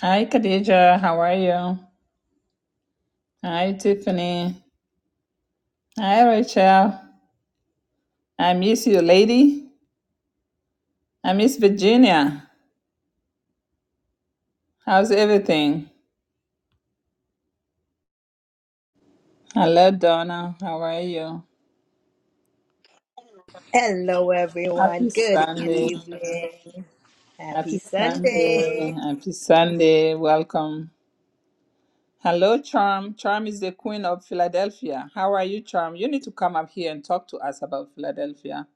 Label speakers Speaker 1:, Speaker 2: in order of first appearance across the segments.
Speaker 1: Hi, Khadija. How are you? Hi, Tiffany. Hi, Rachel. I miss you, lady. I miss Virginia. How's everything? Hello, Donna. How are you?
Speaker 2: Hello, everyone.
Speaker 1: Happy
Speaker 2: Good
Speaker 1: Sunday.
Speaker 2: evening. Happy
Speaker 1: Happy Sunday.
Speaker 2: Sunday.
Speaker 1: Happy Sunday. Welcome. Hello, Charm. Charm is the queen of Philadelphia. How are you, Charm? You need to come up here and talk to us about Philadelphia.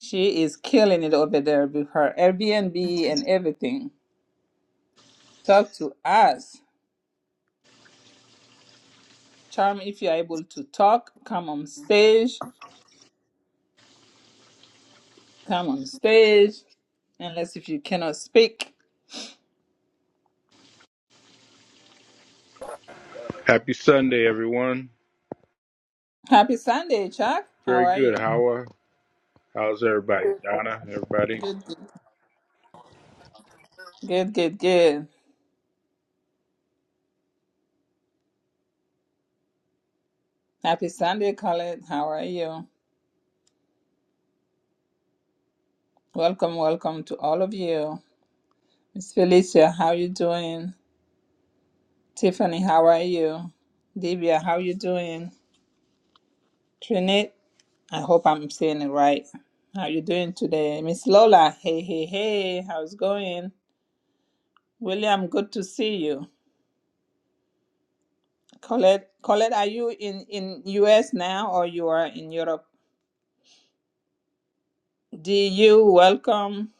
Speaker 1: She is killing it over there with her Airbnb and everything. Talk to us. Charm, if you're able to talk, come on stage. Come on stage. Unless if you cannot speak.
Speaker 3: Happy Sunday, everyone.
Speaker 1: Happy Sunday, Chuck. How
Speaker 3: Very
Speaker 1: are
Speaker 3: good.
Speaker 1: you?
Speaker 3: How are, how's everybody? Donna, everybody?
Speaker 1: Good, good, good, good. good. Happy Sunday, Khaled. How are you? Welcome, welcome to all of you. Miss Felicia, how you doing? Tiffany, how are you? Divya, how you doing? Trinit, I hope I'm saying it right. How you doing today? Miss Lola, hey, hey, hey, how's going? William, good to see you. Colette, Colette, are you in in US now or you are in Europe? DU, welcome.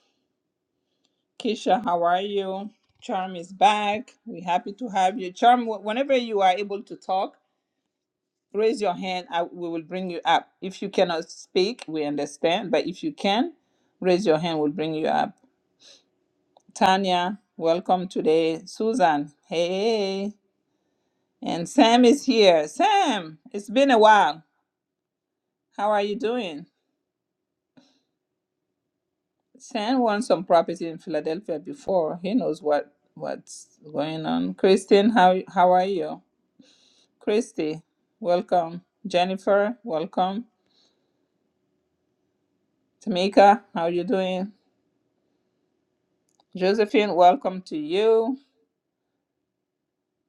Speaker 1: Keisha, how are you? Charm is back. We're happy to have you. Charm, wh- whenever you are able to talk, raise your hand. I, we will bring you up. If you cannot speak, we understand. But if you can, raise your hand. We'll bring you up. Tanya, welcome today. Susan, hey. And Sam is here. Sam, it's been a while. How are you doing? Sam won some property in Philadelphia before. He knows what what's going on. Christine, how how are you? Christy, welcome. Jennifer, welcome. Tamika, how you doing? Josephine, welcome to you.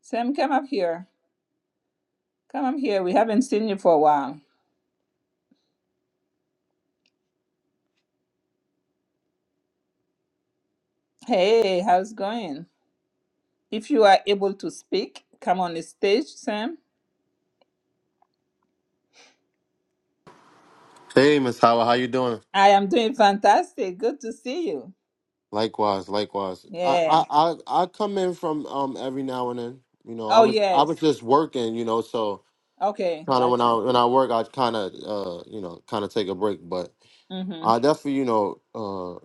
Speaker 1: Sam, come up here. Come up here. We haven't seen you for a while. Hey, how's it going? If you are able to speak, come on the stage, Sam.
Speaker 4: Hey, Miss Howard, how you doing?
Speaker 1: I am doing fantastic. Good to see you.
Speaker 4: Likewise, likewise. I,
Speaker 1: Yeah.
Speaker 4: I, I, I come in from um every now and then. You know, I
Speaker 1: Oh
Speaker 4: was I
Speaker 1: yes.
Speaker 4: was just working. You know, so
Speaker 1: Okay,
Speaker 4: kind of when
Speaker 1: got
Speaker 4: I
Speaker 1: you.
Speaker 4: when I work, I kind of uh you know kind of take a break. But
Speaker 1: Mm-hmm.
Speaker 4: I definitely you know uh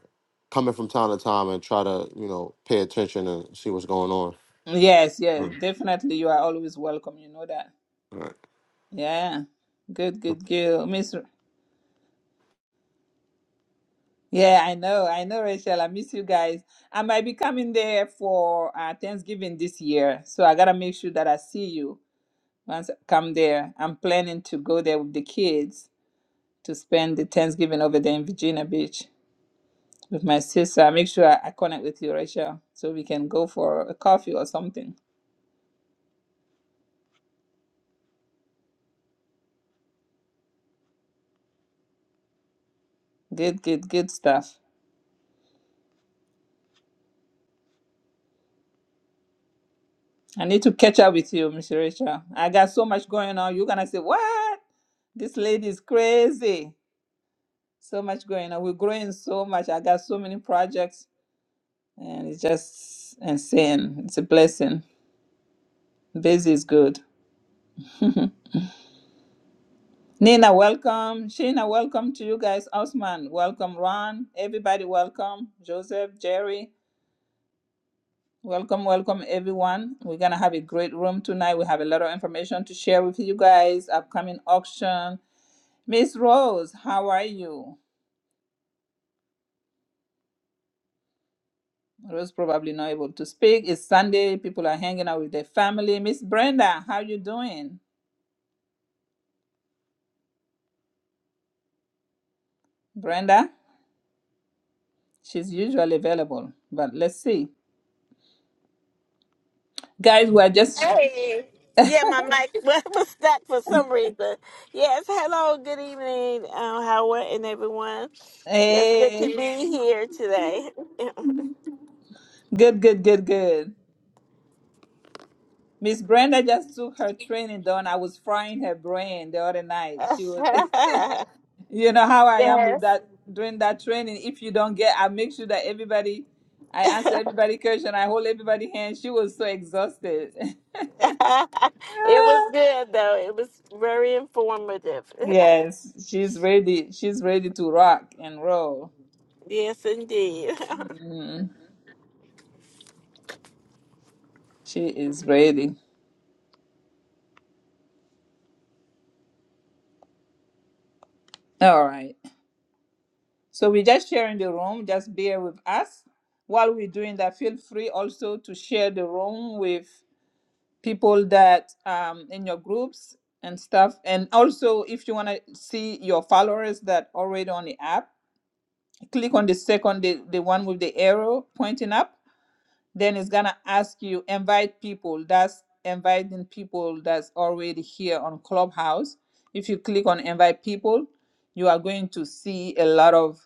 Speaker 4: coming from time to time and try to you know pay attention and see what's going on.
Speaker 1: Yes, yes,
Speaker 4: Mm.
Speaker 1: definitely. You are always welcome. You know that.
Speaker 4: All right.
Speaker 1: Yeah. Good, good girl. Miss Yeah, I know, I know, Rachel. I miss you guys. I might be coming there for uh, Thanksgiving this year. So I gotta make sure that I see you once I come there. I'm planning to go there with the kids to spend the Thanksgiving over there in Virginia Beach with my sister. I make sure I, I connect with you, Rachel, so we can go for a coffee or something. Good, good, good stuff. I need to catch up with you, Miss Rachel. I got so much going on. You're gonna say, What? This lady is crazy. So much going on. We're growing so much. I got so many projects and it's just insane. It's a blessing. Busy is good. Nina, welcome. Sheena, welcome to you guys. Osman, welcome. Ron, everybody, welcome. Joseph, Jerry, welcome, welcome, everyone. We're gonna have a great room tonight. We have a lot of information to share with you guys. Upcoming auction Miss Rose, how are you? Rose probably not able to speak. It's Sunday. People are hanging out with their family. Miss Brenda, how you doing? Brenda, she's usually available, but let's see. Guys, we're just
Speaker 5: Hey, yeah, my mic was stuck for some reason. Yes, hello, good evening, um, Howard and everyone. Yes, good to
Speaker 1: hey,
Speaker 5: be here today.
Speaker 1: good, good, good, good. Miss Brenda just took her training done. I was frying her brain the other night. She was, you know how I am with
Speaker 5: yes,
Speaker 1: that during that training. If you don't get, I make sure that everybody I answer everybody question. I hold everybody hand. She was so exhausted.
Speaker 5: it was good though. It was very informative.
Speaker 1: Yes, she's ready. She's ready to rock and roll.
Speaker 5: yes, indeed.
Speaker 1: Mm, she is ready. All right. So we're just sharing the room. Just bear with us while we're doing that. Feel free also to share the room with people that um in your groups and stuff. And also, if you want to see your followers that already on the app, click on the second, the, the one with the arrow pointing up then it's gonna ask you invite people that's inviting people that's already here on clubhouse if you click on invite people you are going to see a lot of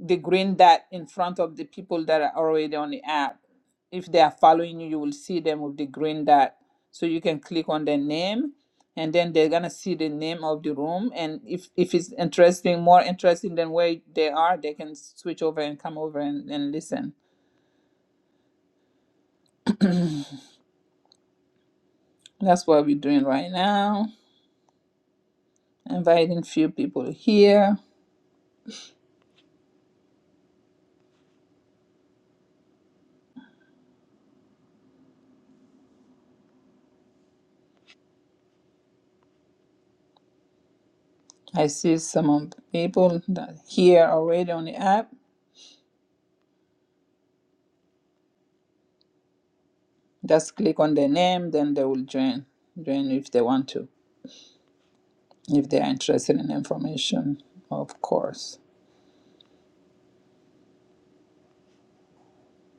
Speaker 1: the green dot in front of the people that are already on the app if they are following you you will see them with the green dot so you can click on their name and then they're gonna see the name of the room and if if it's interesting more interesting than where they are they can switch over and come over and, and listen that's what we're doing right now inviting few people here. I see some of the people that here already on the app. Just click on their name, then they will join. Join if they want to, if they are interested in information, of course.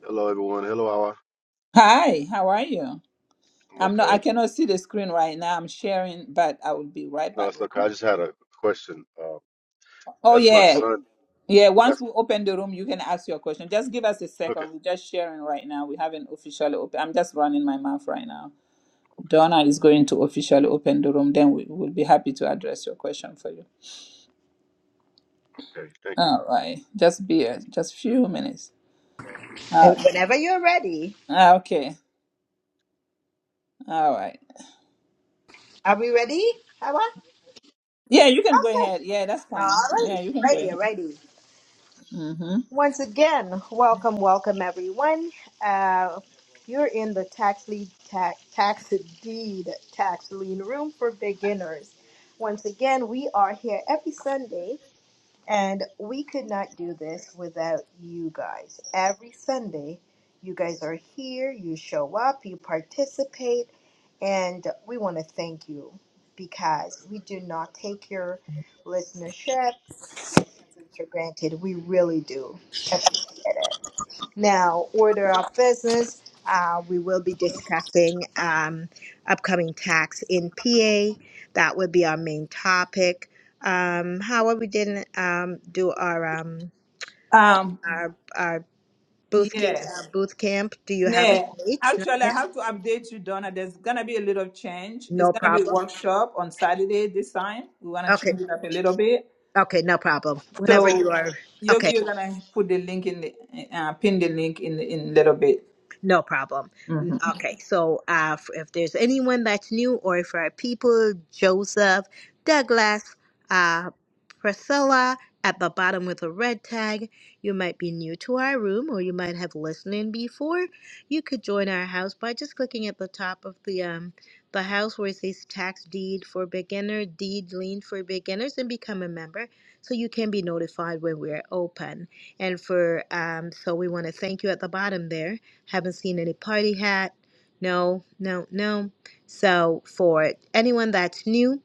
Speaker 6: Hello, everyone. Hello, Awa.
Speaker 1: Hi, how are you?
Speaker 6: I'm
Speaker 1: I'm not. I
Speaker 6: okay.
Speaker 1: cannot see the screen right now. I'm sharing, but I will be right
Speaker 6: No,
Speaker 1: back.
Speaker 6: it's okay. I just had a question. Uh,
Speaker 1: Oh
Speaker 6: that's my
Speaker 1: yeah,
Speaker 6: son.
Speaker 1: yeah. Once
Speaker 6: That's
Speaker 1: we open the room, you can ask your question. Just give us a
Speaker 6: okay.
Speaker 1: second. We're just sharing right now. We haven't officially opened. I'm just running my mouth right now.
Speaker 6: Okay.
Speaker 1: Donna is going to officially open the room, then we will be happy to address your question for you.
Speaker 6: Okay. Thank you.
Speaker 1: All right, just be a, just few minutes.
Speaker 2: And
Speaker 1: Uh,
Speaker 2: whenever you're ready,
Speaker 1: ah, okay, all right.
Speaker 2: are we ready? How about?
Speaker 1: Yeah, you can go
Speaker 2: Okay.
Speaker 1: ahead. Yeah, that's
Speaker 2: All
Speaker 1: fine.
Speaker 2: right.
Speaker 1: Yeah, you can go
Speaker 2: Ready,
Speaker 1: ahead.
Speaker 2: ready.
Speaker 1: Mm-hmm.
Speaker 2: Once again, welcome, welcome, everyone. Uh, you're in the tax lead, tax, tax deed, tax lien room for beginners. Once again, we are here every Sunday And we could not do this without you guys. Every Sunday, you guys are here, you show up, you participate, and we want to thank you because we do not take your listenership for granted. We really do appreciate it. Now, order of business, uh, we will be discussing um, upcoming tax in PA. That would be our main topic. Um, however, we didn't um, do our um,
Speaker 1: Um,
Speaker 2: our our booth ca-
Speaker 1: yes.
Speaker 2: uh, booth camp. Do you have a
Speaker 1: Yeah.
Speaker 2: date? Not
Speaker 1: Actually, I
Speaker 2: yet.
Speaker 1: have to update you, Donna. There's gonna be a little change. It's
Speaker 2: No
Speaker 1: gonna be a
Speaker 2: problem.
Speaker 1: workshop on Saturday this time. We wanna
Speaker 2: Okay.
Speaker 1: change it up a little bit.
Speaker 2: Okay. No problem. Whenever you
Speaker 1: So,
Speaker 2: are.
Speaker 1: Yoki,
Speaker 2: Okay.
Speaker 1: you're gonna put the link in the uh, pin the link in in a little bit.
Speaker 2: No problem.
Speaker 1: Mm-hmm.
Speaker 2: N- Okay, so uh, f- if there's anyone that's new, or if our people, Joseph, Douglas, uh, Priscilla, at the bottom with a red tag, you might be new to our room, or you might have listened in before. You could join our house by just clicking at the top of the um the house where it says Tax Deed for Beginner, Deed Lien for Beginners, and become a member so you can be notified when we're open. And for um, so we want to thank you at the bottom there haven't seen any party hat. No, no, no. So for anyone that's new,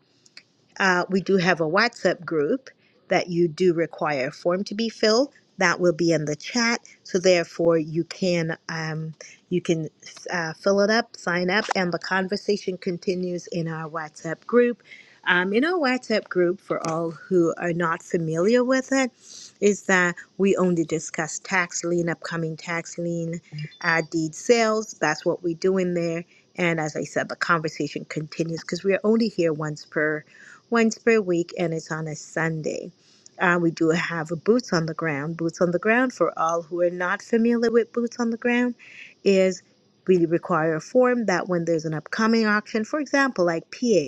Speaker 2: uh, we do have a WhatsApp group that you do require a form to be filled. That will be in the chat, so therefore you can um, you can uh, fill it up, sign up, and the conversation continues in our WhatsApp group. Um, in our WhatsApp group, for all who are not familiar with it, is that we only discuss tax lien, upcoming tax lien, uh, deed sales. That's what we do in there. And as I said, the conversation continues because we are only here once per once per week, and it's on a Sunday. Uh, we do have a Boots on the Ground. Boots on the Ground, for all who are not familiar with Boots on the Ground, is we require a form that when there's an upcoming auction, for example, like PA,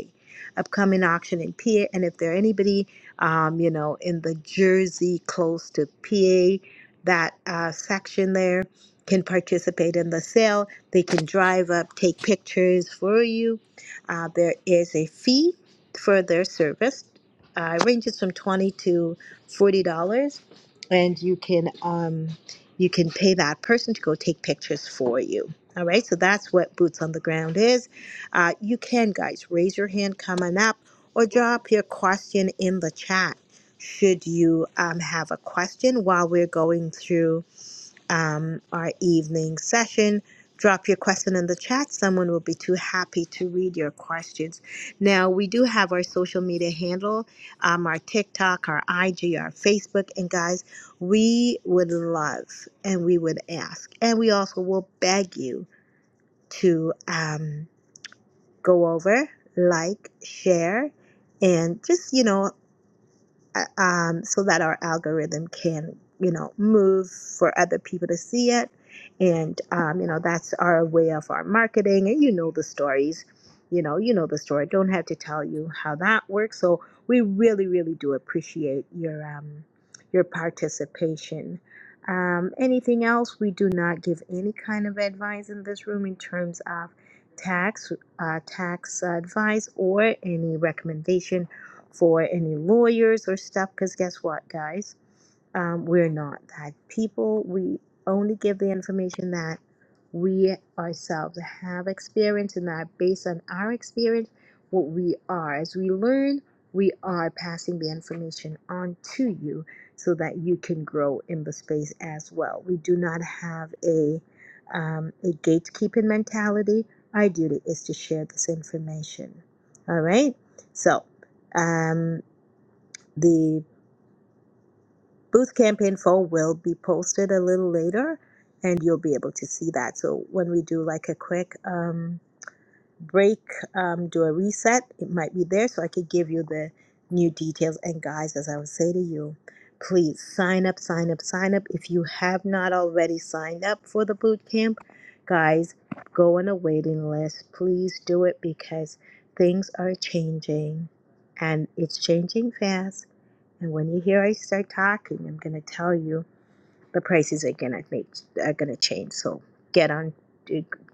Speaker 2: upcoming auction in PA, and if there are anybody, um, you know, in the Jersey close to PA, that uh, section there can participate in the sale. They can drive up, take pictures for you. Uh, there is a fee for their service. Uh, it ranges from twenty to forty dollars, and you can um, you can pay that person to go take pictures for you. All right, so that's what boots on the ground is. Uh, you can guys raise your hand coming up, or drop your question in the chat. Should you um, have a question while we're going through um, our evening session. Drop your question in the chat. Someone will be too happy to read your questions. Now, we do have our social media handle, um, our TikTok, our IG, our Facebook. And guys, we would love and we would ask. And we also will beg you to um, go over, like, share, and just, you know, uh, um, so that our algorithm can you know move for other people to see it and um, you know that's our way of our marketing and you know the stories you know you know the story don't have to tell you how that works so we really really do appreciate your um, your participation um, anything else we do not give any kind of advice in this room in terms of tax uh, tax advice or any recommendation for any lawyers or stuff, because guess what, guys? Um, we're not that people. We only give the information that we ourselves have experience and that based on our experience, what we are. As we learn, we are passing the information on to you so that you can grow in the space as well. We do not have a um, a gatekeeping mentality. Our duty is to share this information. All right. So um, the booth campaign form will be posted a little later, and you'll be able to see that. So when we do like a quick um, break, um, do a reset, it might be there, so I could give you the new details. And guys, as I would say to you, please sign up, sign up, sign up. If you have not already signed up for the boot camp, guys, go on a waiting list. Please do it because things are changing, and it's changing fast And when you hear I start talking, I'm gonna tell you the prices are gonna make are gonna change. So get on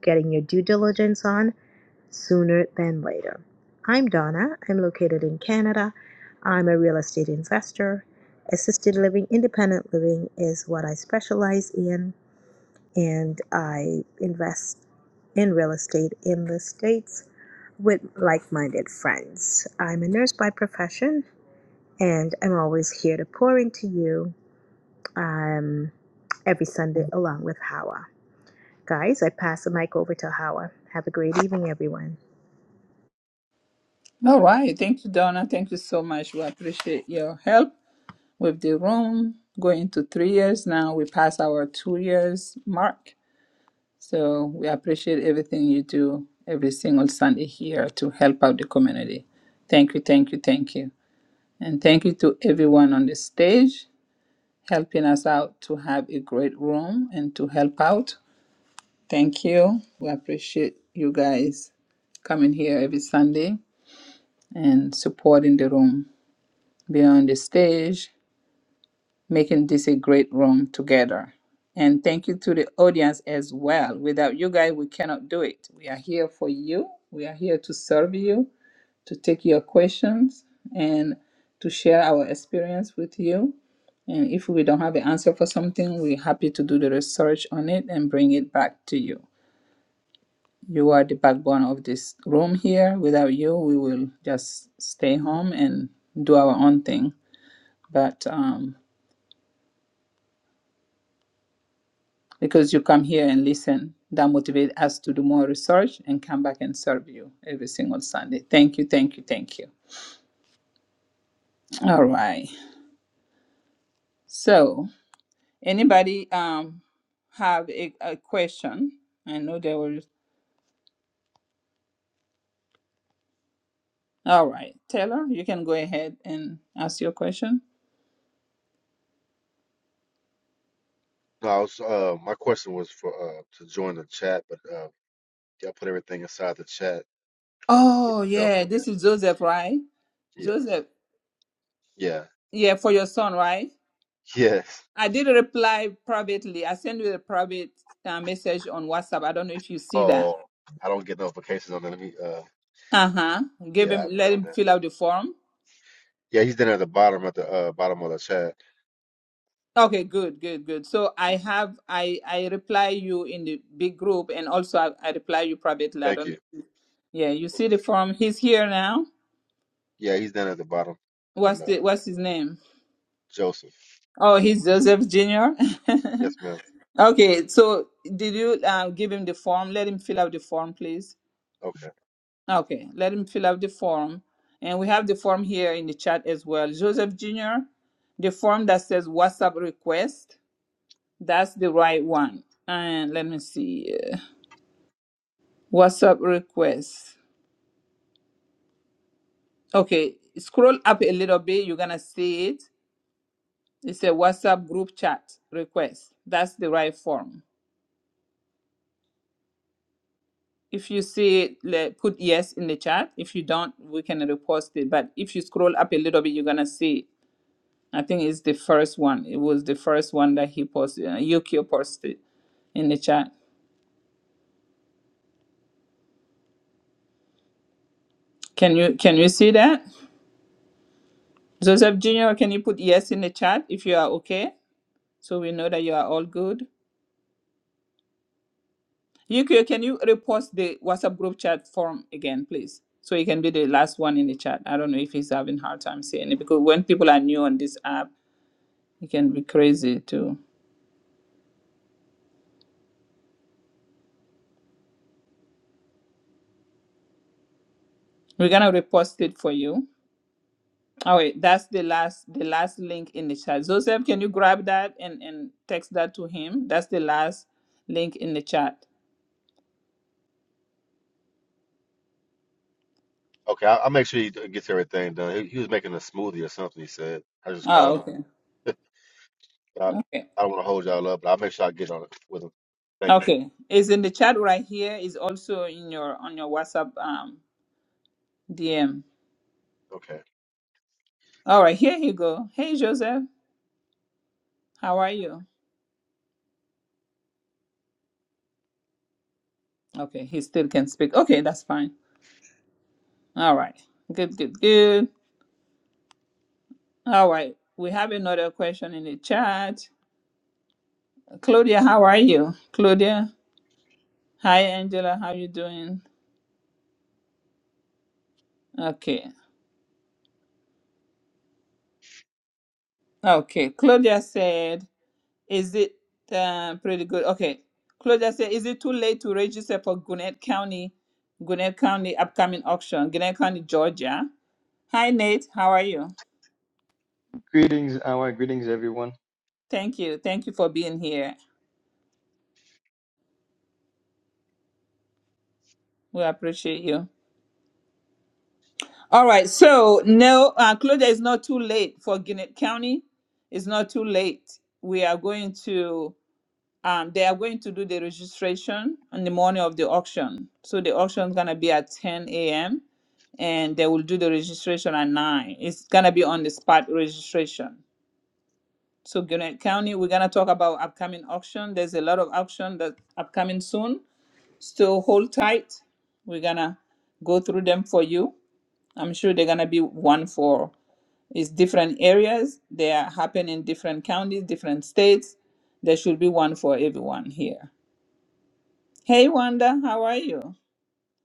Speaker 2: getting your due diligence on sooner than later. I'm Donna. I'm located in Canada. I'm a real estate investor. Assisted living, independent living is what I specialize in, and I invest in real estate in the States with like minded friends. I'm a nurse by profession, and I'm always here to pour into you um, every Sunday along with Hawa. Guys, I pass the mic over to Hawa. Have a great evening, everyone.
Speaker 1: All right. Thank you, Donna. Thank you so much. We appreciate your help with the room. Going to three years now. We pass our two years mark. So we appreciate everything you do every single Sunday here to help out the community. Thank you, thank you, thank you. And thank you to everyone on the stage helping us out to have a great room and to help out. Thank you. We appreciate you guys coming here every Sunday and supporting the room. beyond the stage, making this a great room together. And thank you to the audience as well. Without you guys, we cannot do it. We are here for you. We are here to serve you, to take your questions, and to share our experience with you. And if we don't have an answer for something, we're happy to do the research on it and bring it back to you. You are the backbone of this room here. Without you, we will just stay home and do our own thing. But um, because you come here and listen. That motivates us to do more research and come back and serve you every single Sunday. Thank you, thank you, thank you. All right. So, anybody um have a, a question? I know there were. All right, Taylor, you can go ahead and ask your question.
Speaker 6: No, I was, uh, my question was for uh, to join the chat, but uh, y'all put everything aside the chat, which
Speaker 1: Oh
Speaker 6: is
Speaker 1: yeah,
Speaker 6: helpful.
Speaker 1: this is Joseph, right?
Speaker 6: Yeah. Yes.
Speaker 1: Joseph,
Speaker 6: Yeah.
Speaker 1: yeah, for your son, right?
Speaker 6: Yes.
Speaker 1: I did reply privately. I sent you a private uh, message on WhatsApp. I don't know if you see that.
Speaker 6: Oh, I don't get notifications on that. Let me. Uh,
Speaker 1: Uh-huh. Give
Speaker 6: yeah,
Speaker 1: him
Speaker 6: I've
Speaker 1: let
Speaker 6: been on
Speaker 1: him
Speaker 6: that.
Speaker 1: fill out the form.
Speaker 6: Yeah, he's down at the bottom at the uh, bottom of the chat.
Speaker 1: Okay, good, good, good. So I have I I reply you in the big group and also I, I reply you privately. I
Speaker 6: Thank
Speaker 1: don't
Speaker 6: you.
Speaker 1: Yeah, you see the form. He's here now.
Speaker 6: Yeah, he's down at the bottom.
Speaker 1: What's
Speaker 6: And uh,
Speaker 1: the what's his name?
Speaker 6: Joseph.
Speaker 1: Oh, he's Joseph Jr.
Speaker 6: Yes, ma'am.
Speaker 1: okay, so did you uh, give him the form? Let him fill out the form, please.
Speaker 6: Okay.
Speaker 1: Okay, let him fill out the form. And we have the form here in the chat as well. Joseph Jr., the form that says WhatsApp request. That's the right one. And let me see. uh, WhatsApp request. Okay, scroll up a little bit. You're going to see it. It's a WhatsApp group chat request. That's the right form. If you see it, le- put yes in the chat. If you don't, we can repost it. But if you scroll up a little bit, you're going to see it. I think it's the first one. It was the first one that he posted. Uh, Yukio posted in the chat. Can you can you see that? Joseph Jr., can you put yes in the chat if you are okay? so we know that you are all good. Yukio, can you repost the WhatsApp group chat form again, please? So you can be the last one in the chat. I don't know if he's having hard time seeing it because when people are new on this app, it can be crazy too. We're gonna repost it for you. Oh wait, that's the last the last link in the chat. Joseph, can you grab that and, and text that to him? That's the last link in the chat.
Speaker 6: Okay, I'll, I'll make sure he d- gets everything done. He, he was making a smoothie or something. He said. I just
Speaker 1: Oh
Speaker 6: called
Speaker 1: okay.
Speaker 6: him. I,
Speaker 1: Okay.
Speaker 6: I don't want to hold y'all up, but I'll make sure I get on it with him. Thank you.
Speaker 1: Okay. It's in the chat right here. It's also in your on your WhatsApp um DM.
Speaker 6: Okay.
Speaker 1: All right, here you go. Hey, Joseph, how are you? Okay, he still can speak. Okay, that's fine. All right, good, good, good. All right, we have another question in the chat. Claudia, how are you? Claudia, hi, Angela, how you doing? Okay, okay. Claudia said, "Is it uh, pretty good?" Okay, Claudia said, "Is it too late to register for Gwinnett County, Gwinnett County upcoming auction, Gwinnett County, Georgia?" Hi, Nate, how are you?
Speaker 7: Greetings, our greetings, everyone.
Speaker 1: Thank you. Thank you for being here. We appreciate you. All right. So, no, uh, Claudia, it's not too late for Gwinnett County. It's not too late. We are going to, um, they are going to do the registration on the morning of the auction. So, the auction is going to be at 10 a.m. and they will do the registration at 9. It's going to be on the spot registration. So, Gwinnett County, we're going to talk about upcoming auction. There's a lot of auction that's upcoming soon. Still hold tight. We're going to go through them for you. I'm sure they're gonna be one for it's different areas. They are happen in different counties, different states. There should be one for everyone here. Hey Wanda, how are you?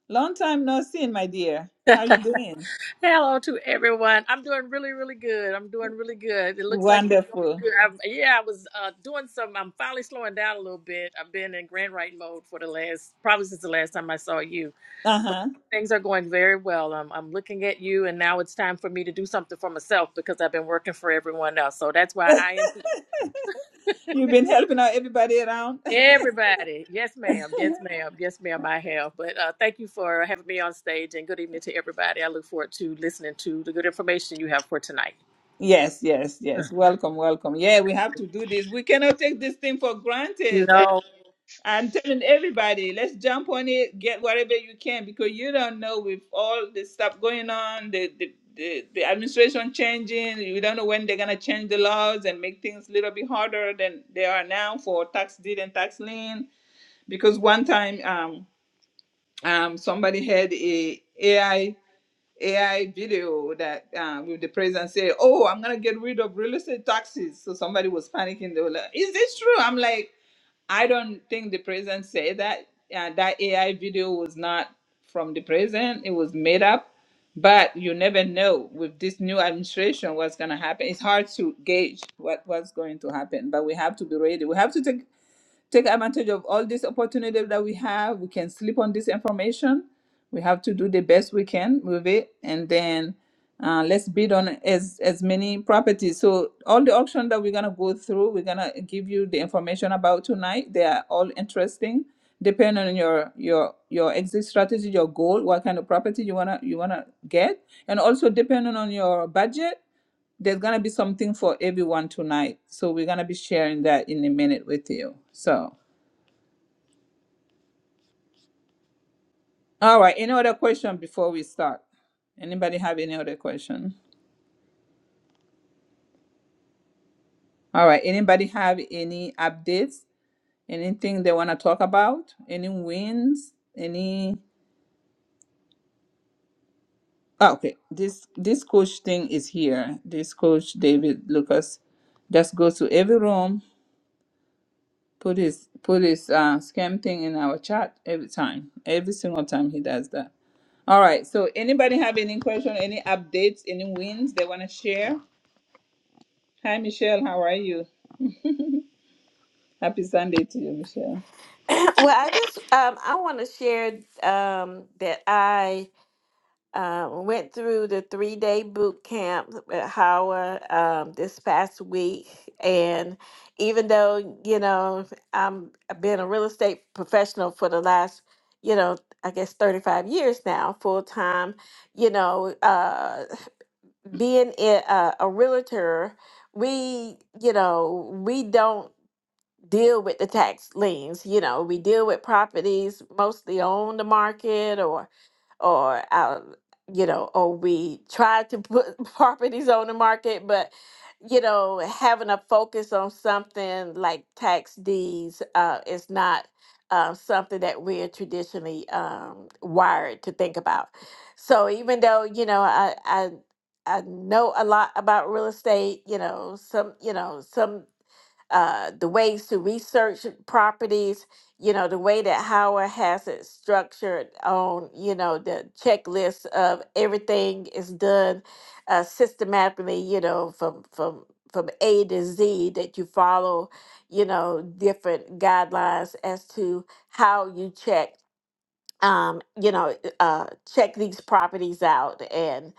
Speaker 1: Long time no seen, my dear. How you doing?
Speaker 8: Hello to everyone. I'm doing really, really good. I'm doing really good. It looks like you're doing
Speaker 1: Wonderful.
Speaker 8: good. I'm, yeah, I was uh, doing some. I'm finally slowing down a little bit. I've been in grand writing mode for the last, probably since the last time I saw you. But
Speaker 1: Uh-huh.
Speaker 8: things are going very well. I'm, I'm looking at you, and now it's time for me to do something for myself because I've been working for everyone else. So that's why I am here.
Speaker 1: You've been helping out everybody around.
Speaker 8: Everybody. Yes, ma'am. Yes, ma'am. Yes, ma'am. I have. But uh, thank you for having me on stage, and good evening to everybody. I look forward to listening to the good information you have for tonight.
Speaker 1: Yes, yes, yes. Welcome, welcome. Yeah, we have to do this. We cannot take this thing for
Speaker 8: No,
Speaker 1: granted. I'm telling everybody, let's jump on it, get whatever you can, because you don't know with all the stuff going on, the the, the, the administration changing, you don't know when they're gonna change the laws and make things a little bit harder than they are now for tax deed and tax lien. Because one time, um, um, somebody had a AI AI video that um, with the president say, "Oh, I'm gonna get rid of real estate taxes." So somebody was panicking. They were like, "Is this true?" I'm like. I don't think the president said that. Uh, that AI video was not from the president. It was made up. But you never know with this new administration what's going to happen. It's hard to gauge what, what's going to happen. But we have to be ready. We have to take take advantage of all these opportunities that we have. We can sleep on this information. We have to do the best we can with it, and then uh, let's bid on as as many properties. So all the auction that we're gonna go through, we're gonna give you the information about tonight. They are all interesting. Depending on your your your exit strategy, your goal, what kind of property you wanna you wanna get, and also depending on your budget, there's gonna be something for everyone tonight. So we're gonna be sharing that in a minute with you. So. All right. Any other question before we start? Anybody have any other question? All right. Anybody have any updates? Anything they want to talk about? Any wins? Any? Oh, okay. This this coach thing is here. This coach David Lucas just goes to every room, put his put his uh, scam thing in our chat every time. Every single time he does that. All right. So anybody have any question? Any updates? Any wins they want to share? Hi Michelle. How are you? Happy Sunday to you, Michelle.
Speaker 5: well, I just um, I want to share um, that I. uh, went through the three day boot camp at Howard um, this past week. And even though, you know, I'm, I've been a real estate professional for the last, you know, I guess 35 years now, full time, you know, uh, being a, a, a realtor, we, you know, we don't deal with the tax liens. You know, we deal with properties mostly on the market or, or out, you know, or we try to put properties on the market, but you know, having a focus on something like tax deeds uh, is not uh, something that we're traditionally um, wired to think about. So even though you know, I, I I know a lot about real estate, you know, some you know some uh, the ways to research properties, you know, the way that Howard has it structured on, you know, the checklist of everything is done uh, systematically, you know, from from from A to Z that you follow, you know, different guidelines as to how you check um, you know, uh, check these properties out and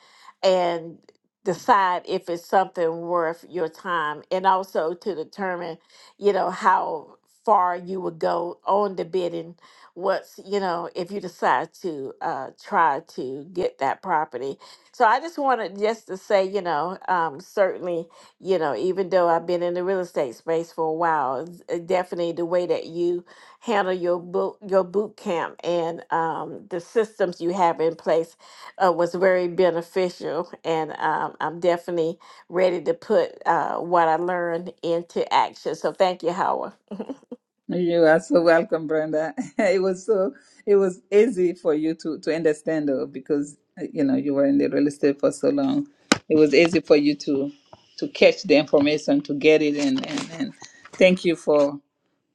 Speaker 5: and decide if it's something worth your time, and also to determine, you know, how far you would go on the bidding once you know if you decide to uh, try to get that property. So I just wanted just to say, you know, um, certainly, you know, even though I've been in the real estate space for a while, it's- uh, definitely the way that you handle your boot your boot camp and um, the systems you have in place uh, was very beneficial and um, i'm definitely ready to put uh, what i learned into action so thank you howard
Speaker 1: You are so welcome, Brenda. It was so it was easy for you to to understand though, because uh, you know you were in the real estate for so long. It was easy for you to to catch the information, to get it, and and, and thank you for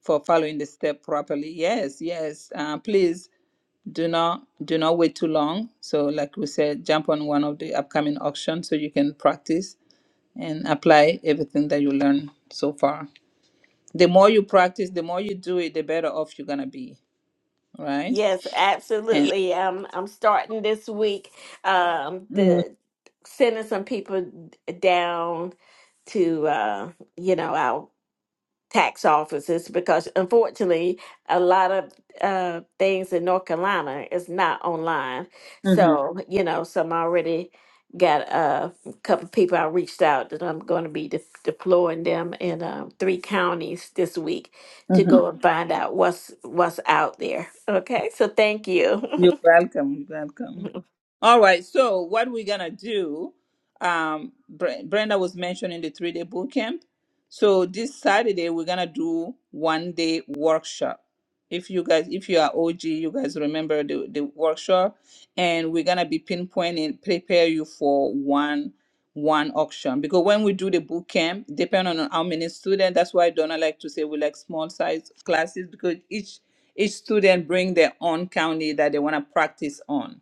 Speaker 1: for following the step properly. Yes, yes. Uh, please do not do not wait too long. So, like we said, jump on one of the upcoming auctions so you can practice and apply everything that you learned so far. The more you practice, the more you do it, the better off you're gonna be, right?
Speaker 5: Yes,
Speaker 1: And
Speaker 5: absolutely. Um, I'm starting this week um,
Speaker 1: mm-hmm,
Speaker 5: the sending some people d- down to uh, you know our. tax offices because unfortunately a lot of uh, things in north carolina is not online so you know some already got uh, a couple of people i reached out that i'm going to be de- deploying them in um, three counties this week to
Speaker 1: mm-hmm.
Speaker 5: go and find out what's what's out there okay so thank you
Speaker 1: you're welcome. You're welcome.
Speaker 5: Mhm.
Speaker 1: All right. So what we're gonna do, um, Bre- Brenda was mentioning the three-day boot camp. So this Saturday we're gonna do one-day workshop. If you guys, if you are OG, you guys remember the the workshop, and we're gonna be pinpointing, prepare you for one one auction because when we do the boot camp, depending on how many students, that's why Donna like to say we like small size classes because each each student bring their own county that they want to practice on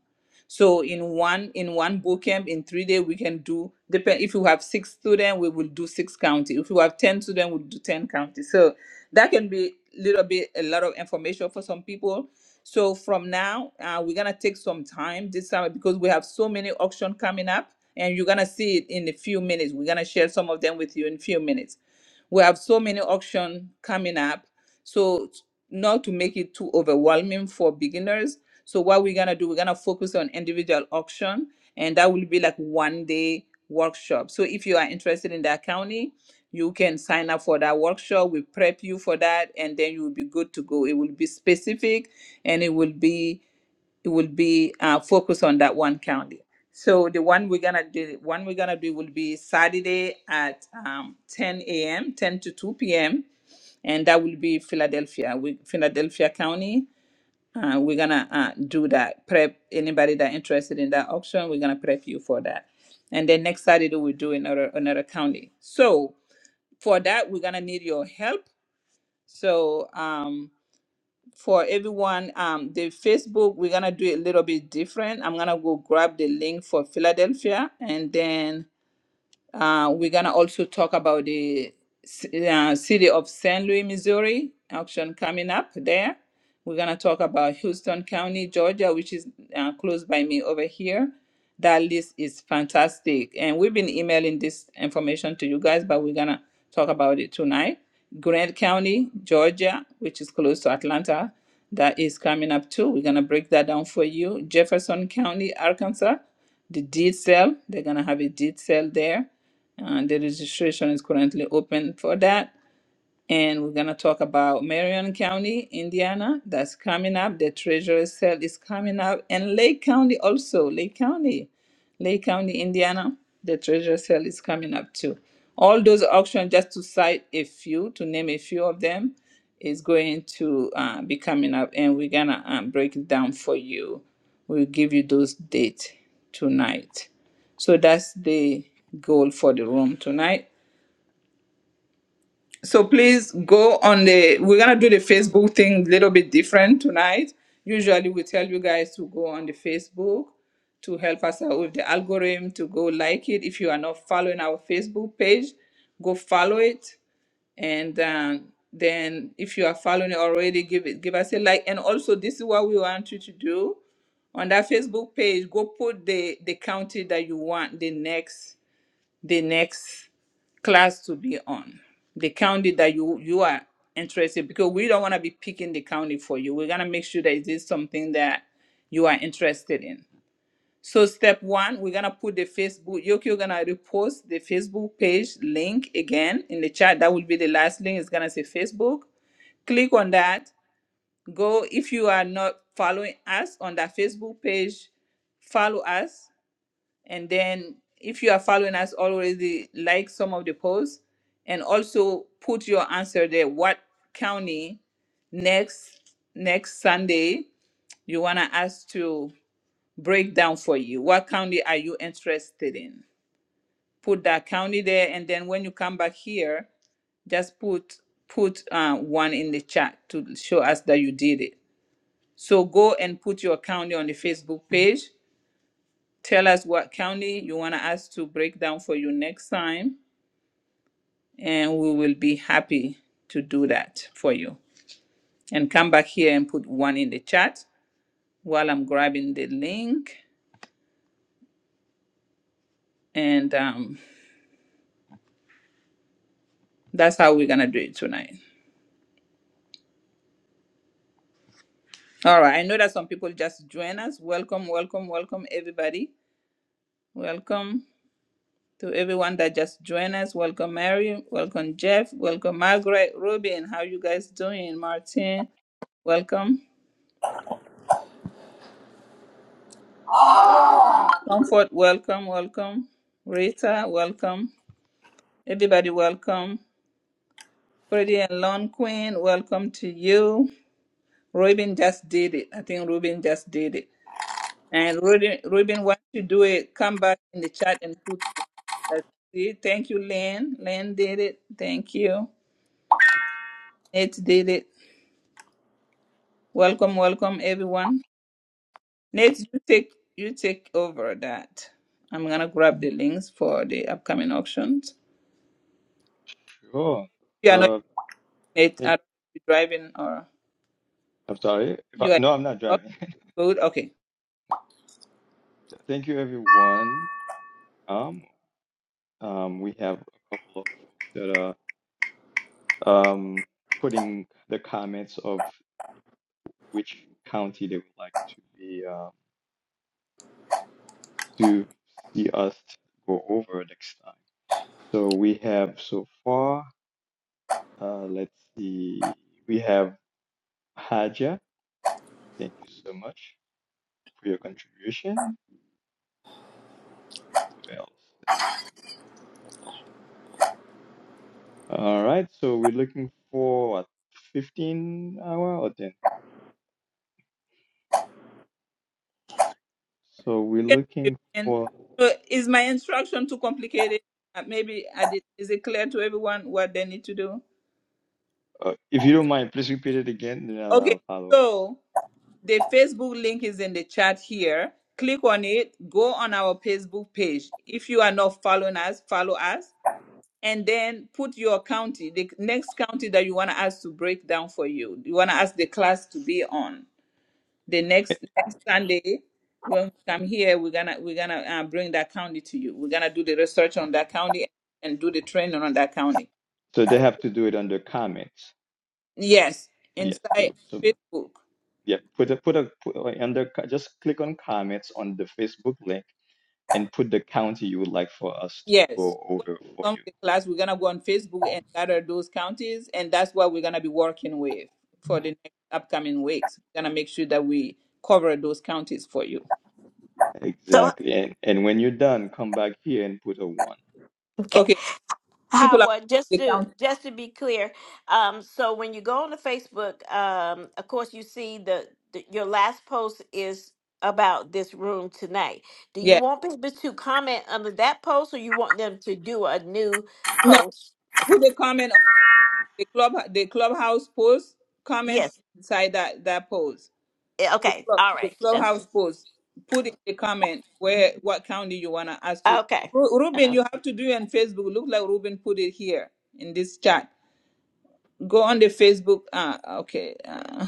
Speaker 1: so in one in one boot camp in three days we can do depend if you have six students, we will do six county. If you have ten students, we'll do ten county. So that can be a little bit a lot of information for some people. So from now, uh, we're gonna take some time this summer because we have so many auction coming up, and you're gonna see it in a few minutes. We're gonna share some of them with you in a few minutes we have so many options coming up. So not to make it too overwhelming for beginners. So what we're gonna do, we're gonna focus on individual auction and that will be like one day workshop. So if you are interested in that county, you can sign up for that workshop. We prep you for that and then you will be good to go. It will be specific and it will be it will be uh, focused on that one county. So the one we're gonna do, one we're gonna do will be Saturday at um, 10 a.m., 10 to 2 p.m., and that will be Philadelphia, we, Philadelphia County. Uh, we're gonna uh, do that. Prep anybody that interested in that auction. We're gonna prep you for that, and then next Saturday we do another another county. So for that we're gonna need your help. So um, for everyone um the facebook we're gonna do it a little bit different i'm gonna go grab the link for philadelphia and then uh, we're gonna also talk about the ci- uh, city of st louis missouri auction coming up there we're gonna talk about houston county georgia which is uh, close by me over here that list is fantastic. And we've been emailing this information to you guys, but we're going to talk about it tonight. Grant County, Georgia, which is close to Atlanta, that is coming up too. We're going to break that down for you. Jefferson County, Arkansas, the deed sale, they're going to have a deed sale there. And the registration is currently open for that and we're going to talk about Marion County, Indiana. That's coming up. The treasurer's sale is coming up, and Lake County also. Lake County, Lake County, Indiana. The treasurer's sale is coming up too. All those auctions, just to cite a few, to name a few of them, is going to uh, be coming up, and we're gonna um, break it down for you. We'll give you those dates tonight. So that's the goal for the room tonight so please go on the. We're gonna do the Facebook thing a little bit different tonight. Usually we tell you guys to go on the Facebook to help us out with the algorithm to go like it. If you are not following our Facebook page, go follow it, and um, then if you are following it already, give it give us a like. And also, this is what we want you to do on that Facebook page. Go put the the county that you want the next the next class to be on the county that you you are interested because we don't want to be picking the county for you we're going to make sure that it is something that you are interested in so step one we're going to put the facebook you're going to repost the facebook page link again in the chat that will be the last link it's going to say facebook click on that go if you are not following us on that facebook page follow us and then if you are following us already like some of the posts and also put your answer there what county next next sunday you want to us to break down for you what county are you interested in put that county there and then when you come back here just put put uh, one in the chat to show us that you did it so go and put your county on the facebook page Tell us what county you want us to break down for you next time, and we will be happy to do that for you. And come back here and put one in the chat while I'm grabbing the link. And um, that's how we're going to do it tonight. All right. I know that some people just join us. Welcome, welcome, welcome, everybody. Welcome to everyone that just joined us. Welcome, Mary. Welcome, Jeff. Welcome, Margaret. Ruben, how you guys doing? Martin, welcome. Comfort, welcome, welcome. Rita, welcome. Everybody, welcome. Freddie and Lon Queen, welcome to you. Ruben just did it. I think Ruben just did it. And Ruben, Ruben, once you do it, come back in the chat and put one. Let's see. Thank you, Lynn. Lynn did it. Thank you. Nate did it. Welcome, welcome, everyone. Nate, you take you take over that. I'm gonna grab the links for the upcoming auctions. If
Speaker 7: Sure.
Speaker 1: you are not
Speaker 7: Uh,
Speaker 1: Nate,
Speaker 7: thank,
Speaker 1: are you driving or?
Speaker 7: I'm sorry. If I,
Speaker 1: You are
Speaker 7: no, I'm not
Speaker 1: oh,
Speaker 7: driving.
Speaker 1: good. Okay.
Speaker 7: thank you, everyone. Um, um, we have a couple of folks that are um putting the comments of which county they would like to be uh, to see us go over next time. So we have so far. Uh, let's see. We have Haja. Thank you so much for your contribution. Who else? All right, so we're looking for what, 15 hour or 10? So we're
Speaker 1: You can do
Speaker 7: looking
Speaker 1: 15.
Speaker 7: for,
Speaker 1: So is my instruction too complicated? Uh, maybe I did. Is it clear to everyone what they need to do?
Speaker 7: uh, if you don't mind, please repeat it again, then I'll,
Speaker 1: Okay.
Speaker 7: I'll follow.
Speaker 1: So the Facebook link is in the chat here. Click on it. Go on our Facebook page. If you are not following us, follow us. And then put your county, the next county that you want us to break down for you. You want to ask the class to be on. the
Speaker 7: Eh,
Speaker 1: next next Sunday when we come here, we're gonna we're gonna uh, bring that county to you. We're gonna do the research on that county and do the training on that county.
Speaker 7: So they have to do it under comments.
Speaker 1: Yes,
Speaker 7: Yes,
Speaker 1: inside
Speaker 7: so so
Speaker 1: Facebook.
Speaker 7: yeah, put a put a put, uh, under co- just click on comments on the Facebook link and put the county you would like for us to
Speaker 1: Yes,
Speaker 7: go
Speaker 1: when
Speaker 7: over for
Speaker 1: we come to
Speaker 7: you.
Speaker 1: the class, we're gonna go on Facebook and gather those counties, and that's what we're gonna be working with for the next upcoming weeks. We're gonna make sure that we cover those counties for you.
Speaker 5: So,
Speaker 7: Exactly. And and when you're done, come back here and put a one.
Speaker 5: okay,
Speaker 1: Okay, people are
Speaker 5: Howard, just
Speaker 1: the
Speaker 5: to
Speaker 1: county.
Speaker 5: just to be clear, um, so when you go on to Facebook, um, of course, you see the, the your last post is about this room tonight. Do you
Speaker 1: Yeah,
Speaker 5: want people to comment under that post, or you want them to do a new
Speaker 1: no,
Speaker 5: post? Okay.
Speaker 1: put a comment The club the clubhouse post comment
Speaker 5: Yes.
Speaker 1: inside that that post.
Speaker 5: Yeah,
Speaker 1: The
Speaker 5: Okay.
Speaker 1: club
Speaker 5: All
Speaker 1: the
Speaker 5: right.
Speaker 1: clubhouse
Speaker 5: That's
Speaker 1: post. Put in the comment where what county you wanna ask to.
Speaker 5: okay.
Speaker 1: Ru-
Speaker 5: Uh,
Speaker 1: Ruben, you have to do it on Facebook. Look like Ruben put it here in this chat. Go on the Facebook. Ah, okay. Uh,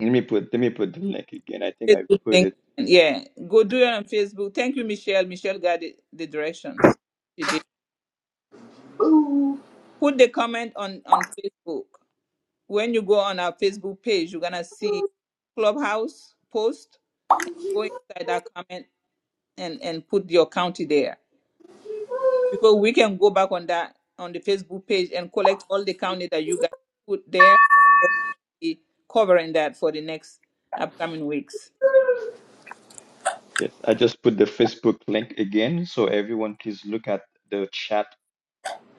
Speaker 7: Let me put let me put the link again. I think I
Speaker 1: Facebook
Speaker 7: put
Speaker 1: link.
Speaker 7: it.
Speaker 1: Yeah, go do it on Facebook. Thank you, Michelle. Michelle got the, the directions. She did.
Speaker 9: Ooh.
Speaker 1: Put the comment on on Facebook. When you go on our Facebook page, you're gonna see Clubhouse post go inside that comment and, and put your county there. Because we can go back on that on the Facebook page and collect all the county that you guys put there and we'll be covering that for the next upcoming weeks.
Speaker 7: Yes, I just put the Facebook link again, so everyone please look at the chat.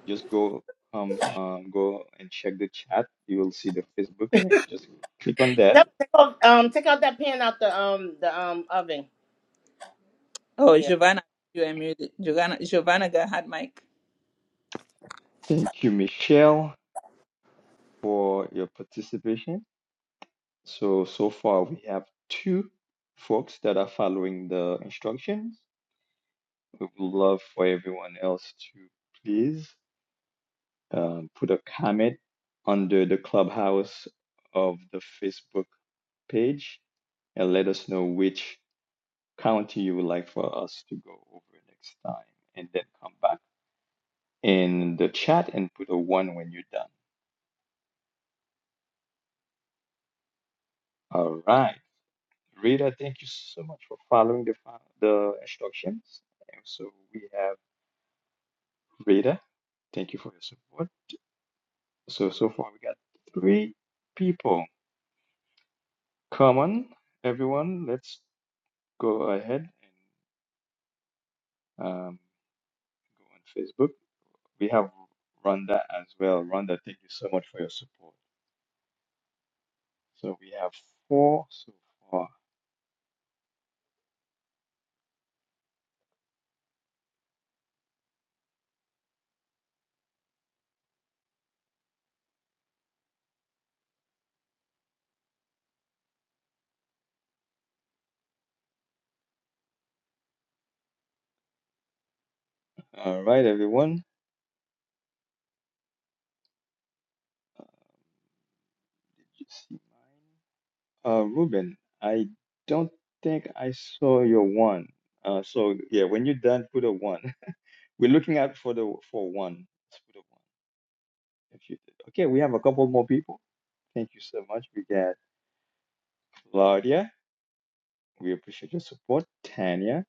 Speaker 7: Just go um, um go and check the chat. You will see the Facebook link. Just click on that.
Speaker 9: Take um, take out that pan out the um the um oven.
Speaker 1: Oh
Speaker 9: Yeah.
Speaker 1: Giovanna, you are muted. Giovanna Giovanna got hot mic.
Speaker 7: Thank you, Michelle, for your participation. So so far we have two folks that are following the instructions. We would love for everyone else to please um, put a comment under the clubhouse of the Facebook page and let us know which county you would like for us to go over next time. And then come back in the chat and put a one when you're done. All right. Rita, thank you so much for following the, fo- the instructions. And so we have Rita. Thank you for your support. So, so far we got three people. Come on, everyone. Let's go ahead and um, go on Facebook. We have Rhonda as well. Rhonda, thank you so much for your support. So we have four so far. All right, everyone. Uh, did you see mine? Uh, Ruben, I don't think I saw your one. Uh, so yeah, when you're done, put a one. We're looking out for the for one. Let's put a one if you did. Okay, we have a couple more people. Thank you so much. We got Claudia. We appreciate your support. Tanya,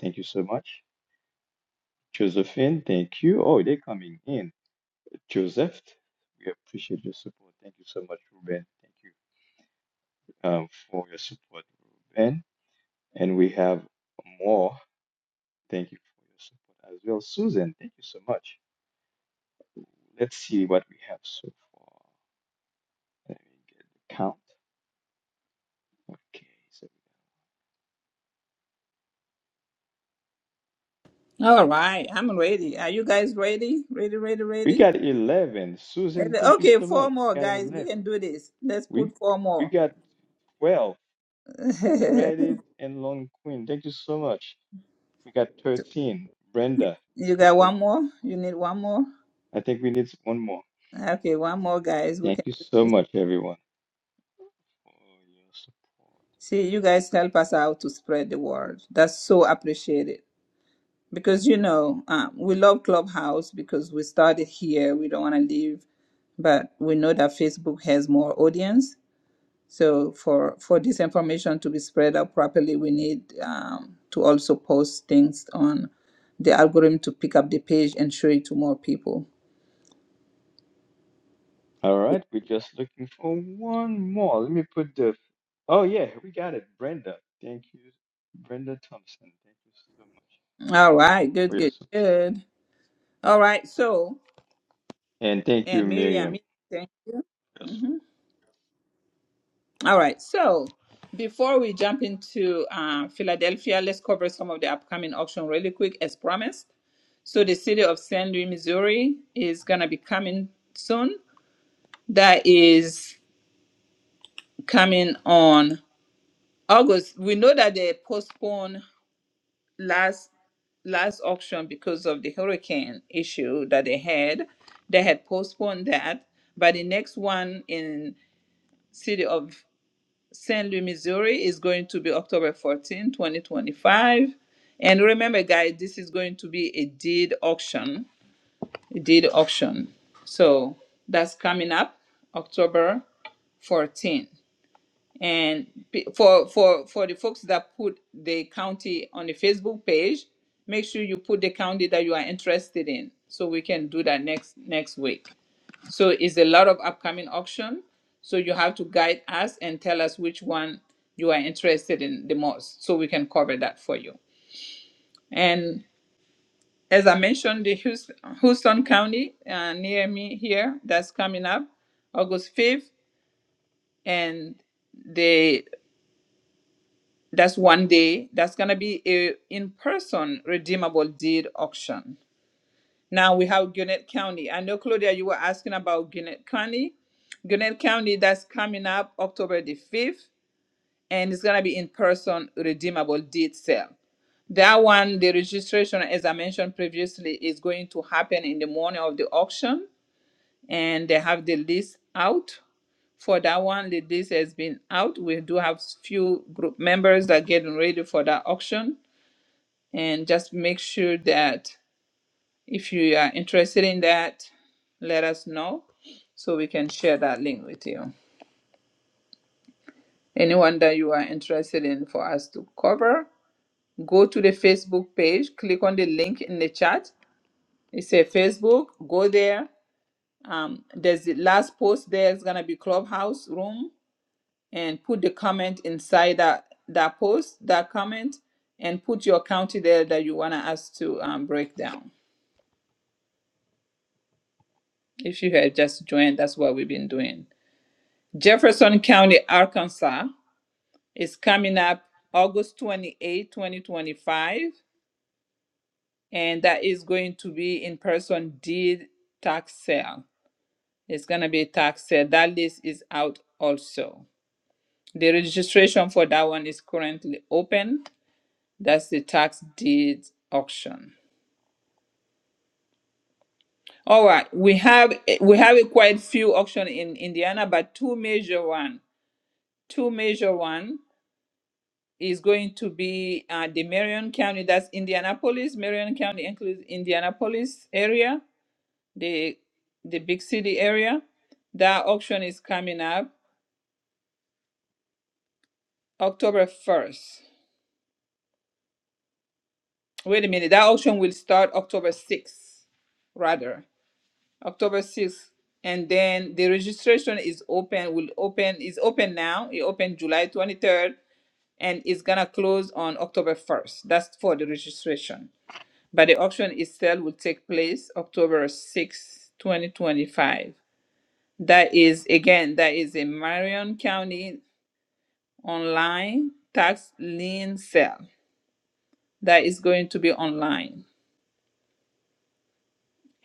Speaker 7: thank you so much. Josephine, thank you. Oh, they're coming in. Joseph, we appreciate your support. Thank you so much, Ruben. Thank you um, for your support, Ruben. And we have more. Thank you for your support as well. Susan, thank you so much. Let's see what we have so far. Let me get the count. Okay, so
Speaker 1: All right, I'm ready. Are you guys ready? Ready, ready,
Speaker 7: we
Speaker 1: ready?
Speaker 7: got 11. Susan,
Speaker 1: Ready?
Speaker 7: thank you
Speaker 1: Okay,
Speaker 7: so
Speaker 1: four
Speaker 7: much. We
Speaker 1: more
Speaker 7: got
Speaker 1: guys. We
Speaker 7: 11.
Speaker 1: can do this. Let's
Speaker 7: We,
Speaker 1: put four
Speaker 7: we
Speaker 1: more.
Speaker 7: got 12. Reddit and Long Queen, thank you so much. We got 13. Brenda, thank
Speaker 1: you
Speaker 7: you
Speaker 1: got
Speaker 7: so much.
Speaker 1: one more? You need one more?
Speaker 7: I think we need one more.
Speaker 1: Okay, one more guys. We
Speaker 7: Thank
Speaker 1: can
Speaker 7: you
Speaker 1: do
Speaker 7: so
Speaker 1: this.
Speaker 7: much, everyone, for your support.
Speaker 1: See, you guys help us out to spread the word. That's so appreciated. Because, you know, um, we love Clubhouse because we started here. We don't want to leave. But we know that Facebook has more audience. So for, for this information to be spread out properly, we need um, to also post things on the algorithm to pick up the page and show it to more people.
Speaker 7: All right, we're just looking for one more. Let me put the. Oh, yeah, we got it. Brenda. Thank you, Brenda Thompson. Thank you so much
Speaker 1: All right.
Speaker 7: for
Speaker 1: Good,
Speaker 7: your
Speaker 1: good,
Speaker 7: support.
Speaker 1: good. All right. So,
Speaker 7: And thank you,
Speaker 1: and Miriam.
Speaker 7: Miriam.
Speaker 1: thank
Speaker 7: for your
Speaker 1: you.
Speaker 7: support.
Speaker 1: All right. So before we jump into uh, Philadelphia, let's cover some of the upcoming auction really quick, as promised. So the city of St. Louis, Missouri, is gonna be coming soon. That is coming on August. We know that they postponed last last auction because of the hurricane issue that they had. They had postponed that, but the next one in city of St. Louis, Missouri is going to be October 14, 2025. And remember, guys, this is going to be a deed auction, a deed auction. So that's coming up October 14. And pe- for, for, for the folks that put the county on the Facebook page, make sure you put the county that you are interested in so we can do that next next week. So it's a lot of upcoming auction. So you have to guide us and tell us which one you are interested in the most, so we can cover that for you. And as I mentioned, the Houston, Houston County uh, near me here that's coming up August fifth, and the that's one day. That's gonna be a in-person redeemable deed auction. Now we have Gwinnett County. I know, Claudia, you were asking about Gwinnett County. Gwinnett County, that's coming up October the 5th, and it's going to be in person redeemable deed sale. That one, the registration, as I mentioned previously, is going to happen in the morning of the auction, and they have the list out. For that one, the list has been out. We do have few group members that are getting ready for that auction, and just make sure that if you are interested in that, let us know so we can share that link with you. Anyone that you are interested in for us to cover, go to the Facebook page, click on the link in the chat. It says Facebook, go there. Um, there's the last post there is gonna be clubhouse room and put the comment inside that that post, that comment, and put your county there that you wanna us to um, break down. If you had just joined, that's what we've been doing. Jefferson County, Arkansas is coming up August 28, 2025, and that is going to be in person deed tax sale. It's going to be a tax sale. That list is out also. The registration for that one is currently open. That's the tax deed auction. All right, we have we have quite few auction in Indiana, but two major one, two major one. is going to be uh, the Marion County, that's Indianapolis. Marion County includes Indianapolis area, the the big city area. That auction is coming up October 1st. Wait a minute, that auction will start October 6th, rather. October 6th. And then the registration is open, will open, is open now. It opened July 23rd and it's gonna close on October 1st. That's for the registration. but the auction itself will take place October 6, 2025. That is, again, that is a Marion County online tax lien sale that is going to be online.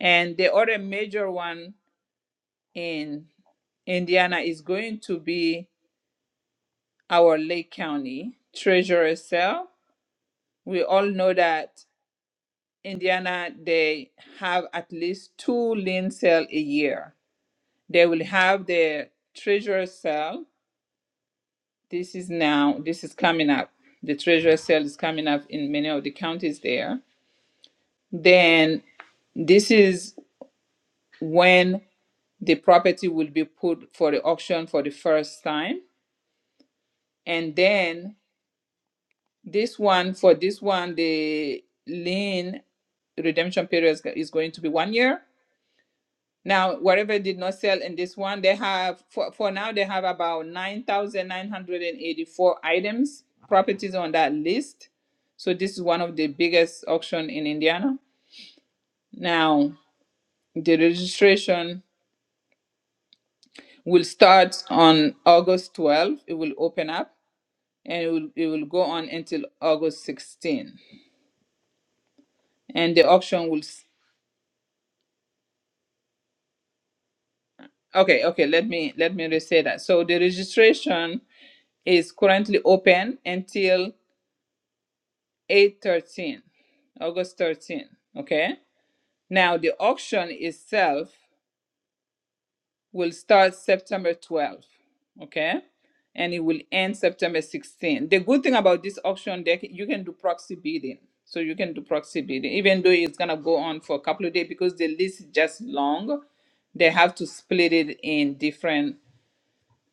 Speaker 1: And the other major one in Indiana is going to be our Lake County treasurer sale. We all know that Indiana, they have at least two lien sale a year They will have the treasurer cell. This is now, this is coming up. The treasurer cell is coming up in many of the counties there. Then this is when the property will be put for the auction for the first time. And then this one, for this one, the lien redemption period is going to be one year. Now, whatever did not sell in this one, they have for, for now they have about 9,984 items, properties on that list. So this is one of the biggest auction in Indiana. Now, the registration will start on August 12th. It will open up and it will, it will go on until August 16th. And the auction will s- Okay, okay, let me let me re-say that. So the registration is currently open until 8 13, august 13 okay now the auction itself will start september twelfth. okay and it will end september 16 the good thing about this auction deck you can do proxy bidding so you can do proxy bidding even though it's going to go on for a couple of days because the list is just long they have to split it in different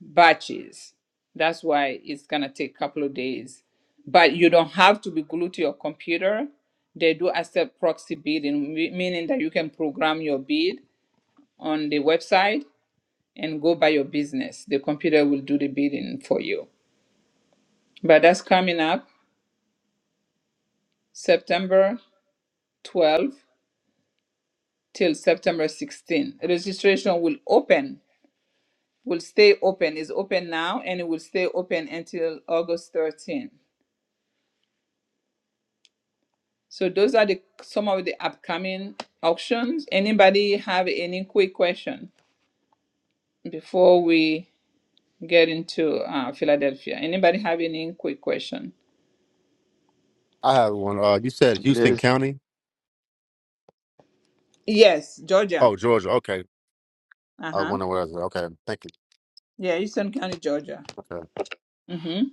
Speaker 1: batches. That's why it's gonna take a couple of days. But you don't have to be glued to your computer. They do accept proxy bidding, me- meaning that you can program your bid on the website and go by your business. The computer will do the bidding for you. But that's coming up September 12 till September 16. Registration will open, will stay open, is open now, and it will stay open until August 13. So those are the some of the upcoming auctions. Anybody have any quick question before we get into uh, Philadelphia? Anybody have any quick question?
Speaker 6: I have one. Uh, you said Houston
Speaker 7: There's
Speaker 6: County?
Speaker 1: Yes, Georgia.
Speaker 6: Oh, Georgia. Okay.
Speaker 1: Uh
Speaker 6: I
Speaker 1: huh.
Speaker 6: wonder what I was. Okay. Thank
Speaker 1: Yeah, Eastern County, Georgia.
Speaker 6: you.
Speaker 1: Mm-hmm.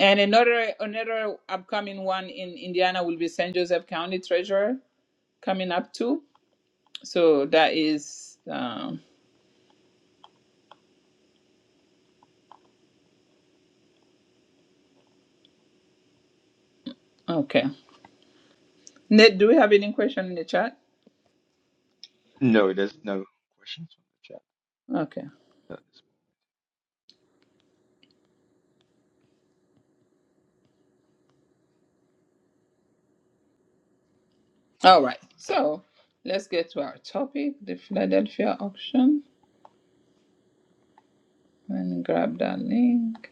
Speaker 1: And another another upcoming one in Indiana will be St. Joseph County Treasurer coming up too. So that is um, okay. Ned, do we have any question in the chat?
Speaker 7: no, there's no questions from the chat.
Speaker 1: Okay.
Speaker 7: No, there's-
Speaker 1: All right, so let's get to our topic, the Philadelphia auction. Let me grab that link.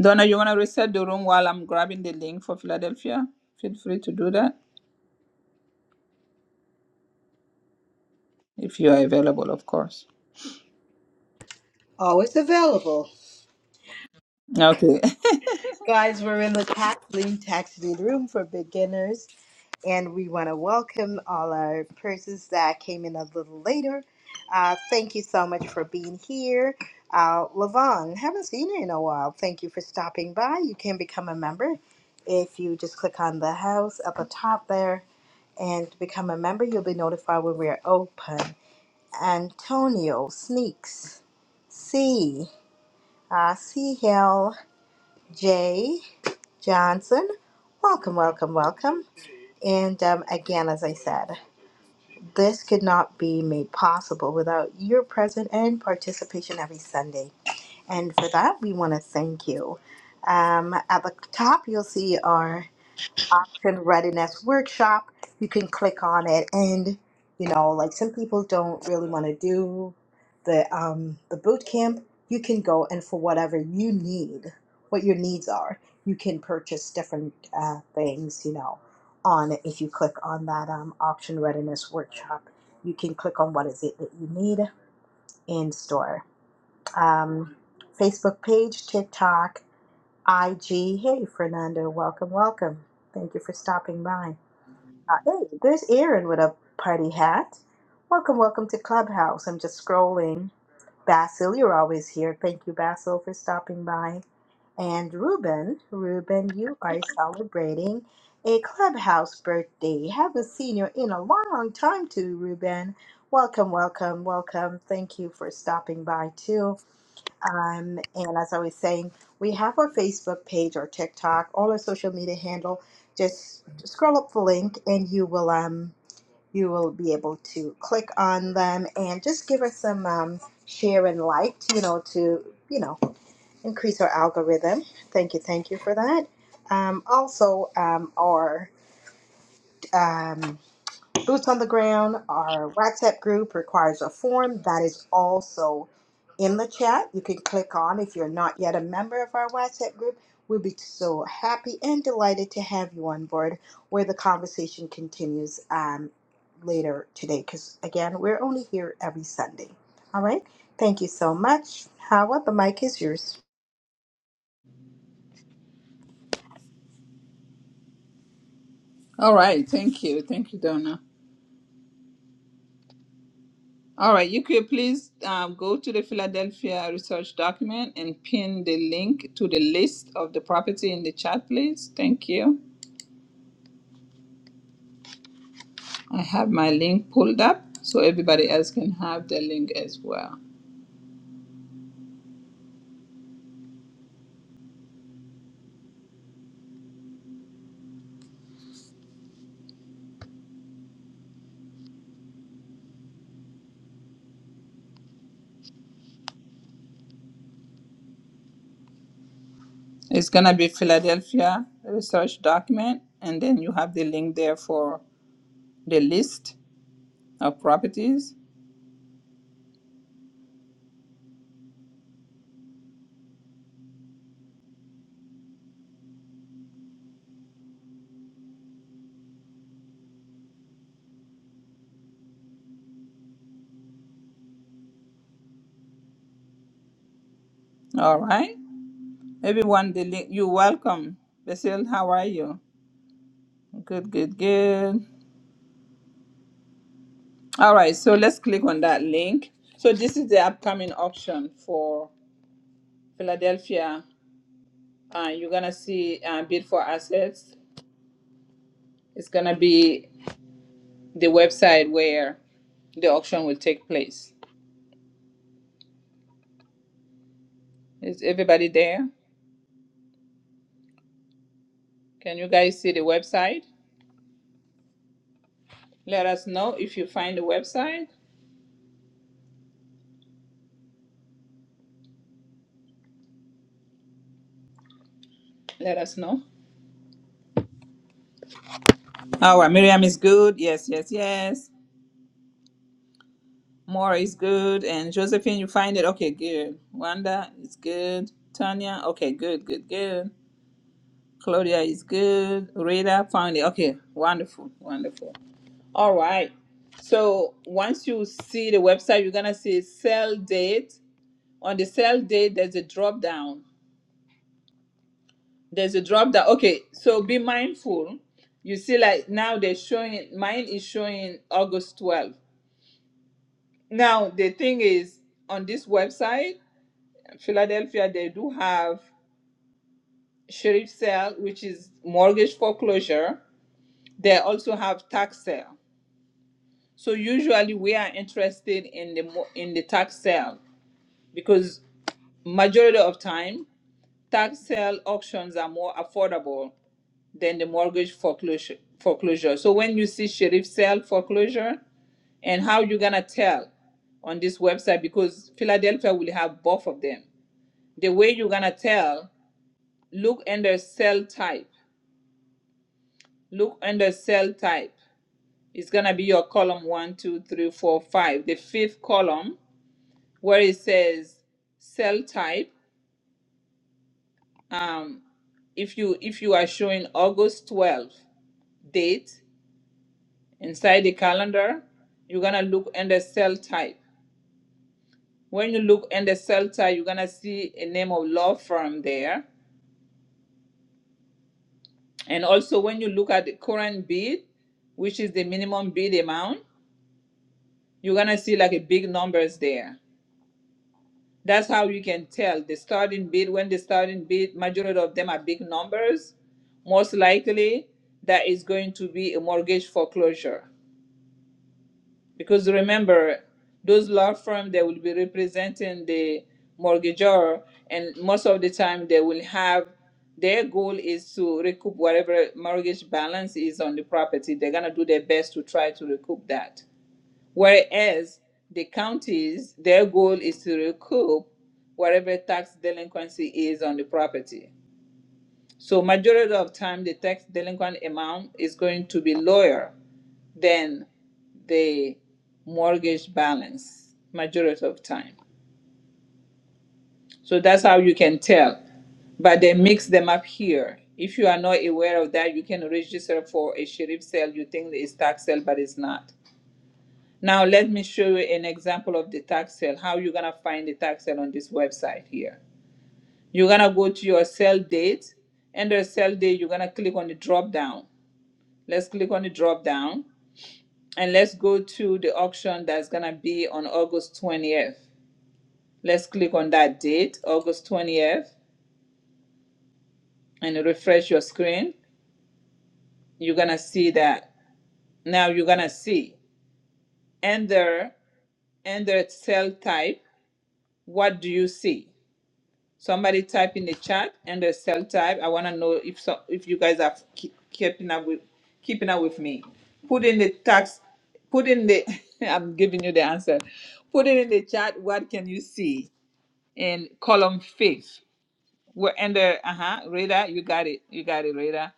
Speaker 1: Donna, you want to reset the room while I'm grabbing the link for Philadelphia? Feel free to do that if you are available, of course.
Speaker 2: Always available.
Speaker 1: Okay.
Speaker 2: Guys, we're in the tax lien, tax lien room for beginners. and we want to welcome all our persons that came in a little later. Uh, thank you so much for being here. Uh, Lavon, haven't seen you in a while. Thank you for stopping by. You can become a member if you just click on the house at the top there and become a member. You'll be notified when we're open. Antonio Sneaks, C, uh, CL J Johnson. Welcome, welcome, welcome. And um, again, as I said, this could not be made possible without your presence and participation every Sunday. And for that, we want to thank you. Um, at the top, you'll see our option readiness workshop. You can click on it, and you know, like some people don't really want to do the um, the boot camp. You can go and for whatever you need, what your needs are, you can purchase different uh, things. You know, on if you click on that um, option readiness workshop, you can click on what is it that you need in store. Um, Facebook page, TikTok, IG. Hey, Fernando, welcome, welcome. Thank you for stopping by. Uh, hey, there's Erin with a party hat. Welcome, welcome to Clubhouse. I'm just scrolling. Basil, you're always here. Thank you, Basil, for stopping by. And Ruben, Ruben, you are celebrating a Clubhouse birthday. Haven't seen you in a long, long time, too, Ruben. Welcome, welcome, welcome. Thank you for stopping by, too. Um, and as I was saying, we have our Facebook page, our TikTok, all our social media handle. Just scroll up the link, and you will um you will be able to click on them and just give us some um, share and like, you know, to you know increase our algorithm. Thank you, thank you for that. Um, also, um, our um, Boots on the ground, our WhatsApp group requires a form that is also in the chat. You can click on if you're not yet a member of our WhatsApp group. We'll be so happy and delighted to have you on board where the conversation continues um, later today because, again, we're only here every Sunday. All right. Thank you so much. Howard, the mic is yours.
Speaker 1: All right. Thank you. Thank you, Donna. All right. You could please um, go to the Philadelphia research document and pin the link to the list of the property in the chat, please. Thank you. I have my link pulled up so everybody else can have the link as well. It's gonna be Philadelphia research document, and then you have the link there for the list of properties. All right, everyone, the link. You are welcome, Basil. How are you? Good, good, good. All right, so let's click on that link. So this is the upcoming auction for Philadelphia. Uh, you're gonna see uh, bid for assets. It's gonna be the website where the auction will take place. Is everybody there? Can you guys see the website? Let us know if you find the website. Let us know. Our Miriam is good. Yes, yes, yes. Mora is good. And Josephine, you find it? Okay, good. Wanda is good. Tanya, okay, good, good, good. Claudia is good. Rita found it. Okay, wonderful, wonderful. All right. So once you see the website, you're going to see sell date. On the sell date, there's a drop down. there's a drop down. Okay, so be mindful. You see, like now they're showing mine is showing August 12th. Now the thing is on this website, Philadelphia, they do have sheriff sale, which is mortgage foreclosure. They also have tax sale. So usually we are interested in the mo- in the tax sale because majority of time tax sale auctions are more affordable than the mortgage foreclosure foreclosure. So when you see sheriff sale foreclosure and how you gonna tell on this website because Philadelphia will have both of them. The way you're gonna tell, look under cell type. Look under cell type. It's gonna be your column one, two, three, four, five. The fifth column where it says cell type. Um, if you if you are showing August 12th date Inside the calendar, you're gonna look under cell type. When you look under cell type, you're gonna see a name of law firm there. And also when you look at the current bid, which is the minimum bid amount, you're gonna see like a big numbers there. That's how you can tell the starting bid when the starting bid, majority of them are big numbers. Most likely that is going to be a mortgage foreclosure. Because remember, those law firm they will be representing the mortgagor, and most of the time they will have their goal is to recoup whatever mortgage balance is on the property. They're gonna do their best to try to recoup that. Whereas the counties, their goal is to recoup whatever tax delinquency is on the property. So majority of time, the tax delinquent amount is going to be lower than the mortgage balance majority of time. So that's how you can tell. But they mix them up here. If you are not aware of that, you can register for a sheriff sale. You think it's tax sale, but it's not. Now let me show you an example of the tax sale. How you're gonna find the tax sale on this website here. You're gonna go to your sale date. Under sale date, you're gonna click on the drop down. Let's click on the drop down and let's go to the auction that's gonna be on August 20th. Let's click on that date, August 20th, and refresh your screen. You're gonna see that. Now you're gonna see under under cell type. What do you see? Somebody type in the chat under cell type. I wanna know if so, if you guys are keep, keeping up with keeping up with me. Put in the tax. Put in the. I'm giving you the answer. Put it in the chat. What can you see? in column faith. We're under, uh huh, Rita, you got it. You got it, Rita.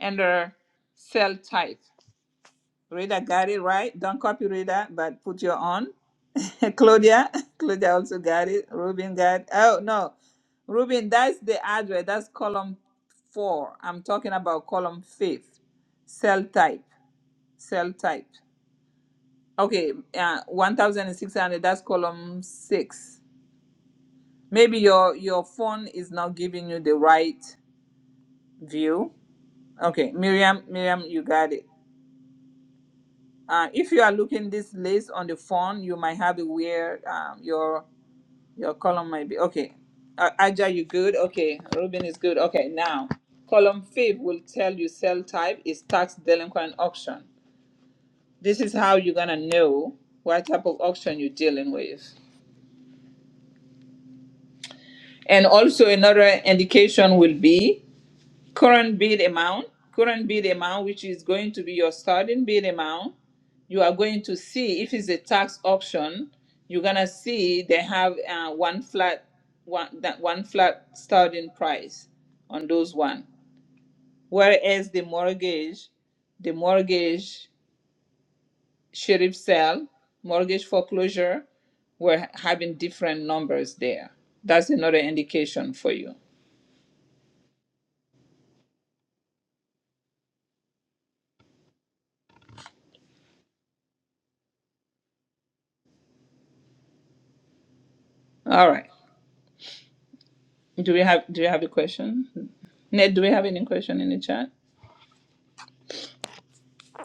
Speaker 1: Under cell type. Rita got it right. Don't copy Rita, but put your own. Claudia, Claudia also got it. Ruben got Oh, no. Ruben, that's the address. That's column four. I'm talking about column fifth. Cell type. Cell type. Okay, uh, 1,600, that's column six. Maybe your your phone is not giving you the right view okay miriam miriam you got it uh, if you are looking this list on the phone you might have it where um, your your column might be okay uh, aja you good okay ruben is good okay now column five will tell you sell type is tax delinquent auction this is how you're gonna know what type of auction you're dealing with and also another indication will be current bid amount, current bid amount, which is going to be your starting bid amount. You are going to see if it's a tax option. You're gonna see they have uh, one flat, one that one flat starting price on those one. Whereas the mortgage, the mortgage sheriff sale, mortgage foreclosure, we're having different numbers there. That's another indication for you. All right. Do we have do you have a question? Ned, do we have any question in the chat?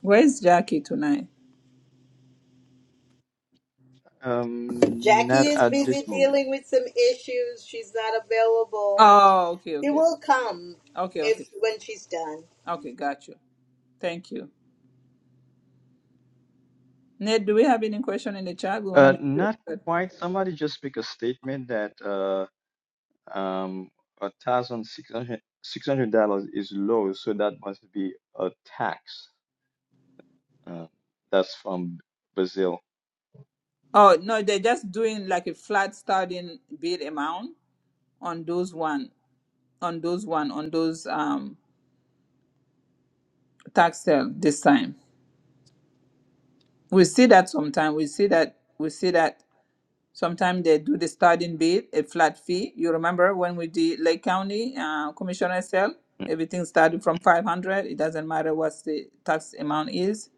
Speaker 1: Where's Jackie tonight?
Speaker 7: um,
Speaker 2: Jackie
Speaker 7: not
Speaker 2: is
Speaker 7: at
Speaker 2: busy
Speaker 7: this moment.
Speaker 2: dealing with some issues. She's not available.
Speaker 1: Oh, okay,
Speaker 2: She
Speaker 1: okay.
Speaker 2: will come
Speaker 1: Okay, okay.
Speaker 2: if when she's done.
Speaker 1: Okay, got you. Thank you. Ned, do we have any question in the chat? We wanna
Speaker 7: Uh,
Speaker 1: make sure it's
Speaker 7: not
Speaker 1: good.
Speaker 7: quite. Somebody just make a statement that uh, Um, a thousand six hundred six hundred dollars is low, so that must be a tax. Uh, that's from Brazil.
Speaker 1: Oh no, they're just doing like a flat starting bid amount on those one on those one on those um tax sale this time. We see that sometime. We see that we see that Sometimes they do the starting bid, a flat fee. You remember when we did Lake County uh, Commissioner sale,
Speaker 7: Mm,
Speaker 1: everything started from 500. It doesn't matter what the tax amount is.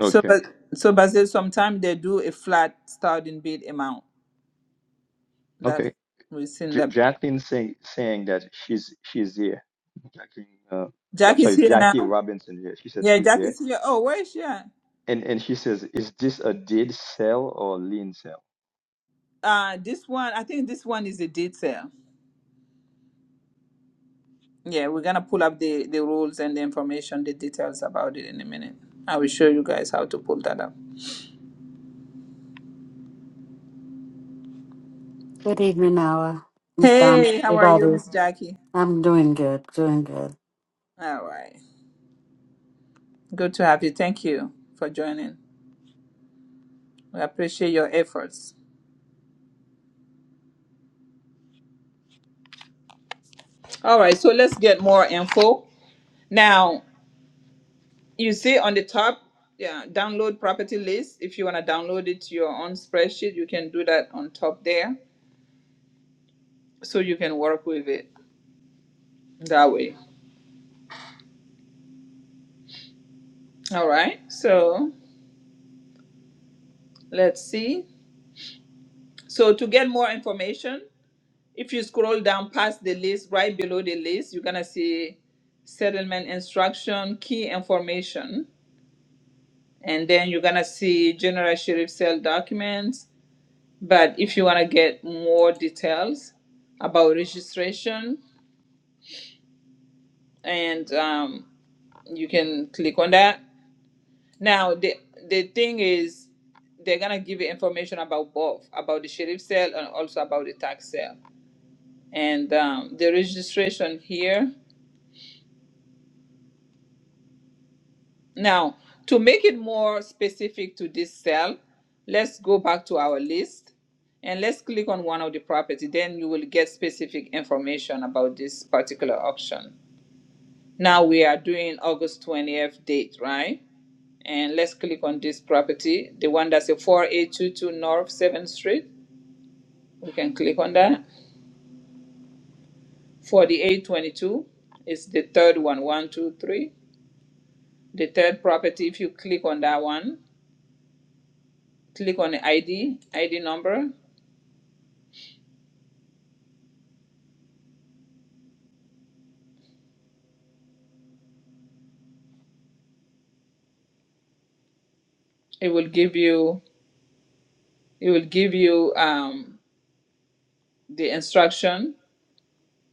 Speaker 1: So,
Speaker 7: Okay,
Speaker 1: but so Basil, sometimes they do a flat starting bid amount. That
Speaker 7: okay.
Speaker 1: we've seen
Speaker 7: J
Speaker 1: them.
Speaker 7: Jacqueline saying saying that she's she's there. Jacqueline, uh, I'm
Speaker 1: Jack is
Speaker 7: sorry,
Speaker 1: here now.
Speaker 7: Jackie Robinson here. She said
Speaker 1: Yeah,
Speaker 7: she's
Speaker 1: Jack
Speaker 7: there,
Speaker 1: is here. Oh, where is she? At?
Speaker 7: and and she says, is this a dead cell or lean cell?
Speaker 1: Uh, this one, I think this one is a detail. Yeah, we're gonna pull up the the rules and the information, the details about it in a minute. I will show you guys how to pull that up.
Speaker 10: Good evening, Noah. Miss Dom,
Speaker 1: Hey, how are you,
Speaker 10: everybody.
Speaker 1: Miss Jackie?
Speaker 10: I'm doing good, doing good.
Speaker 1: All right. Good to have you. Thank you for joining. We appreciate your efforts. All right, so let's get more info. Now, you see on the top, yeah, download property list. If you want to download it to your own spreadsheet, you can do that on top there so you can work with it that way. All right, so let's see. So, to get more information, If you scroll down past the list, right below the list, you're gonna see settlement instruction, key information, and then you're gonna see general sheriff sale documents. But if you wanna get more details about registration, and um, you can click on that. Now the the thing is, they're gonna give you information about both, about the sheriff sale and also about the tax sale. And um, the registration here. Now, to make it more specific to this cell, let's go back to our list and let's click on one of the property. Then you will get specific information about this particular auction. Now we are doing August 20th date, right? And let's click on this property, the one that's a 4822 North 7th Street. We can click on that. 4822 is the third one, one, two, three. The third property, if you click on that one, click on the ID, ID number. it will give you it will give you um, the instruction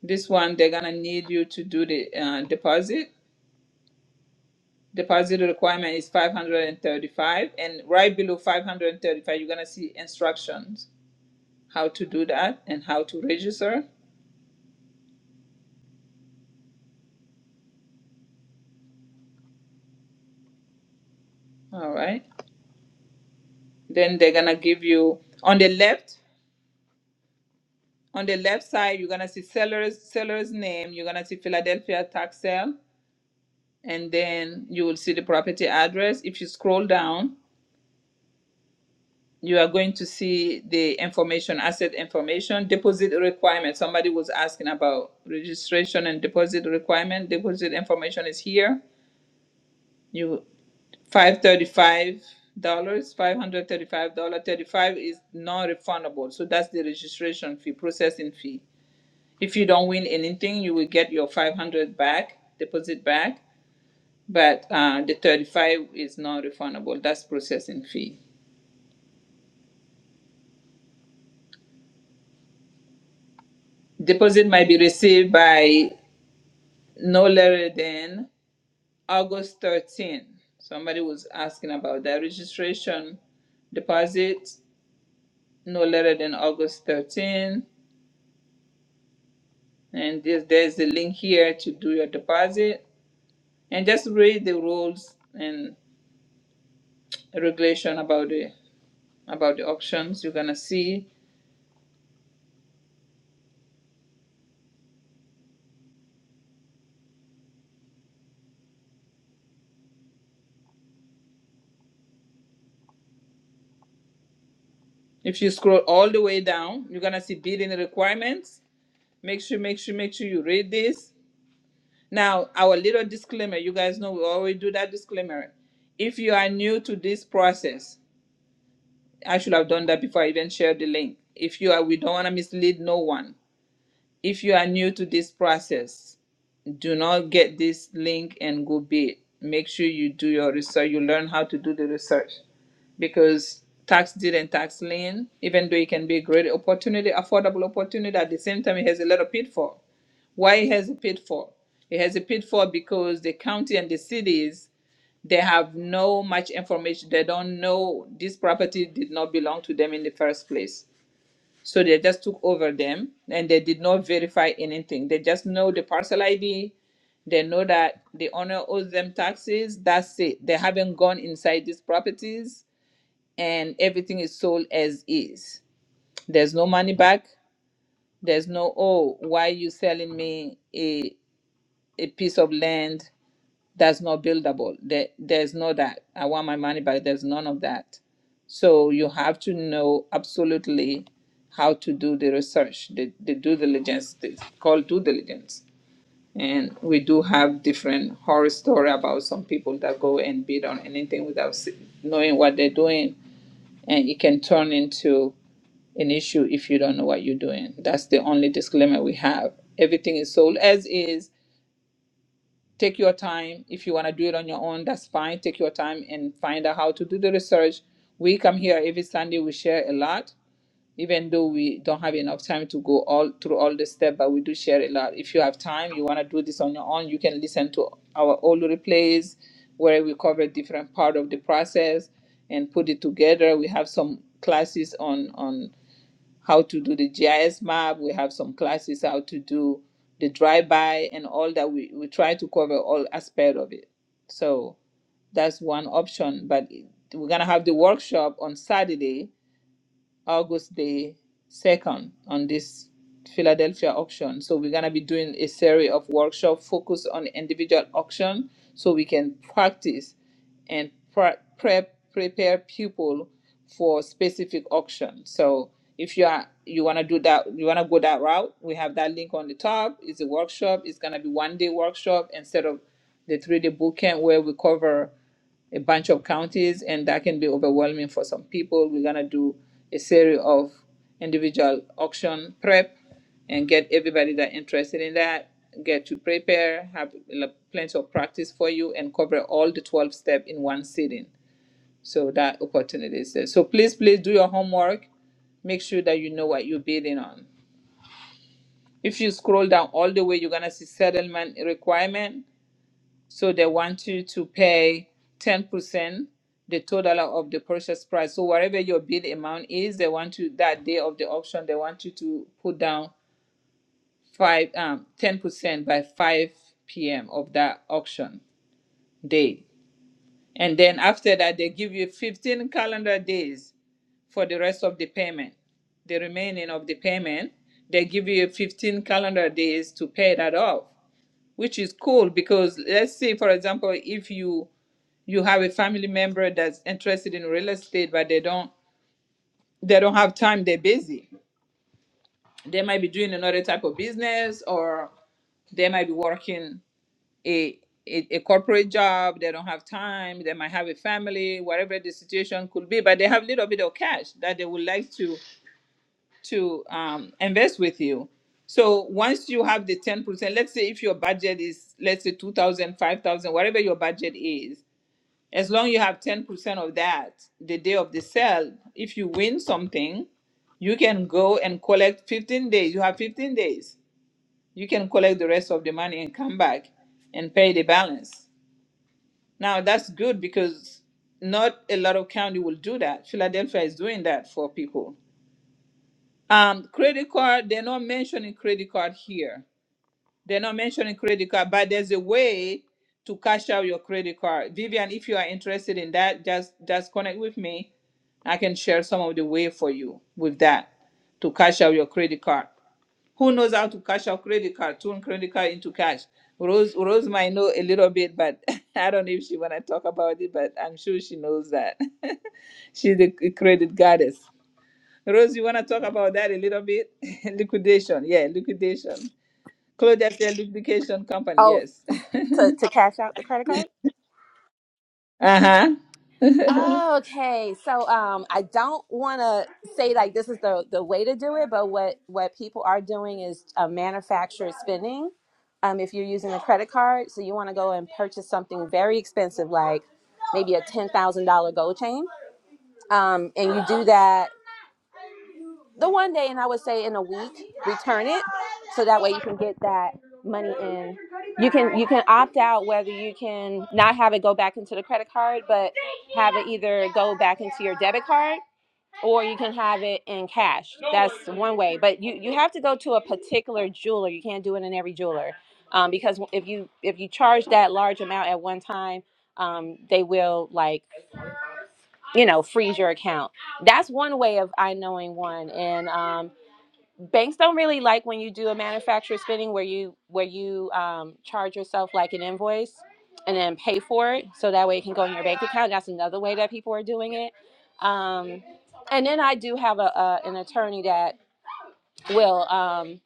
Speaker 1: this one they're gonna need you to do the uh, deposit deposit requirement is 535 and thirty-five, and right below 535 you're gonna see instructions how to do that and how to register all right then they're gonna give you on the left on the left side you're gonna see seller's seller's name you're gonna see philadelphia tax sale and then you will see the property address if you scroll down you are going to see the information, asset information, deposit requirement. Somebody was asking about registration and deposit requirement. Deposit information is here. You five thirty-five dollars, five hundred thirty-five dollar thirty-five is non-refundable. So that's the registration fee, processing fee. If you don't win anything, you will get your five hundred back, deposit back. But uh, the thirty-five is non-refundable. That's processing fee. Deposit might be received by no later than August 13. Somebody was asking about that registration deposit, no later than August 13. And this, there's a link here to do your deposit. And just read the rules and regulation about the about the options. You're gonna see if you scroll all the way down, you're gonna see bidding requirements. Make sure, make sure, make sure you read this Now, our little disclaimer, you guys know we always do that disclaimer. If you are new to this process, I should have done that before I even shared the link. If you are, we don't want to mislead no one. If you are new to this process, do not get this link and go bid. Make sure you do your research. You learn how to do the research because tax deed and tax lien, even though it can be a great opportunity, affordable opportunity, at the same time it has a lot of pitfall. Why it has a pitfall? It has a pitfall because the county and the cities they have no much information. They don't know this property did not belong to them in the first place. So they just took over them and they did not verify anything. They just know the parcel ID. They know that the owner owes them taxes. That's it. They haven't gone inside these properties and everything is sold as is. There's no money back. There's no, oh, why you selling me a, a piece of land? that's not buildable. There, there's no that. I want my money back. There's none of that. So you have to know absolutely how to do the research, the, the due diligence, it's called due diligence. And we do have different horror story about some people that go and bid on anything without se- knowing what they're doing, and it can turn into an issue if you don't know what you're doing. That's the only disclaimer we have. Everything is sold as is take your time. If you want to do it on your own, that's fine. Take your time and find out how to do the research. We come here every Sunday, we share a lot, even though we don't have enough time to go all through all the steps, but we do share a lot. If you have time, you want to do this on your own, you can listen to our old replays where we cover different part of the process and put it together. We have some classes on on how to do the GIS map. We have some classes how to do the drive-by and all that. We, we try to cover all aspect of it. So that's one option. But it- we're gonna have the workshop on Saturday August the 2nd on this Philadelphia auction. So we're going to be doing a series of workshop focused on individual auction so we can practice and pre- prep prepare people for specific auction. So if you are you want to do that you want to go that route, we have that link on the top. It's a workshop. It's going to be one day workshop instead of the three day bootcamp where we cover a bunch of counties, and that can be overwhelming for some people. We're gonna do a series of individual auction prep and get everybody that interested in that get to prepare, have l- plenty of practice for you, and cover all the 12 step in one sitting. So that opportunity is there. So please, please do your homework. Make sure that you know what you're bidding on. If you scroll down all the way, you're gonna see settlement requirement so they want you to pay 10%, the total of the purchase price. So whatever your bid amount is, they want you that day of the auction, they want you to put down five um 10% by 5 p.m. of that auction day. And then after that, they give you 15 calendar days for the rest of the payment. The remaining of the payment, they give you 15 calendar days to pay that off which is cool because let's say for example if you you have a family member that's interested in real estate but they don't they don't have time they're busy they might be doing another type of business or they might be working a, a a corporate job they don't have time they might have a family whatever the situation could be but they have a little bit of cash that they would like to to um, invest with you. So once you have the 10%, let's say if your budget is, let's say 2,000, 5,000, whatever your budget is, as long you have 10% of that the day of the sale, if you win something, you can go and collect 15 days. You have 15 days. You can collect the rest of the money and come back and pay the balance. Now that's good because not a lot of county will do that. Philadelphia is doing that for people um, credit card, they're not mentioning credit card here. They're not mentioning credit card, but there's a way to cash out your credit card. Vivian, if you are interested in that, just just connect with me. I can share some of the way for you with that to cash out your credit card. Who knows how to cash out credit card, turn credit card into cash? Rose Rose might know a little bit, but I don't know if she wanna talk about it, but I'm sure she knows that. She's a credit goddess. Rose, you want to talk about that a little bit? liquidation, yeah, liquidation. Claudia said lubrication company,
Speaker 11: Oh,
Speaker 1: yes.
Speaker 11: to to cash out the credit card?
Speaker 1: Uh huh.
Speaker 11: Oh, okay. So um I don't want to say like this is the the way to do it, but what what people are doing is uh, manufactured spending. Um if you're using a credit card, so you want to go and purchase something very expensive like maybe a $10,000 gold chain. Um and you do that the one day and i would say in a week return it so that way you can get that money in you can you can opt out whether you can not have it go back into the credit card but have it either go back into your debit card or you can have it in cash that's one way but you you have to go to a particular jeweler you can't do it in every jeweler um, because if you if you charge that large amount at one time um, they will like you know freeze your account that's one way of i knowing one and um, banks don't really like when you do a manufacturer spending where you where you um, charge yourself like an invoice and then pay for it so that way it can go in your bank account that's another way that people are doing it um, and then i do have a, a an attorney that will um,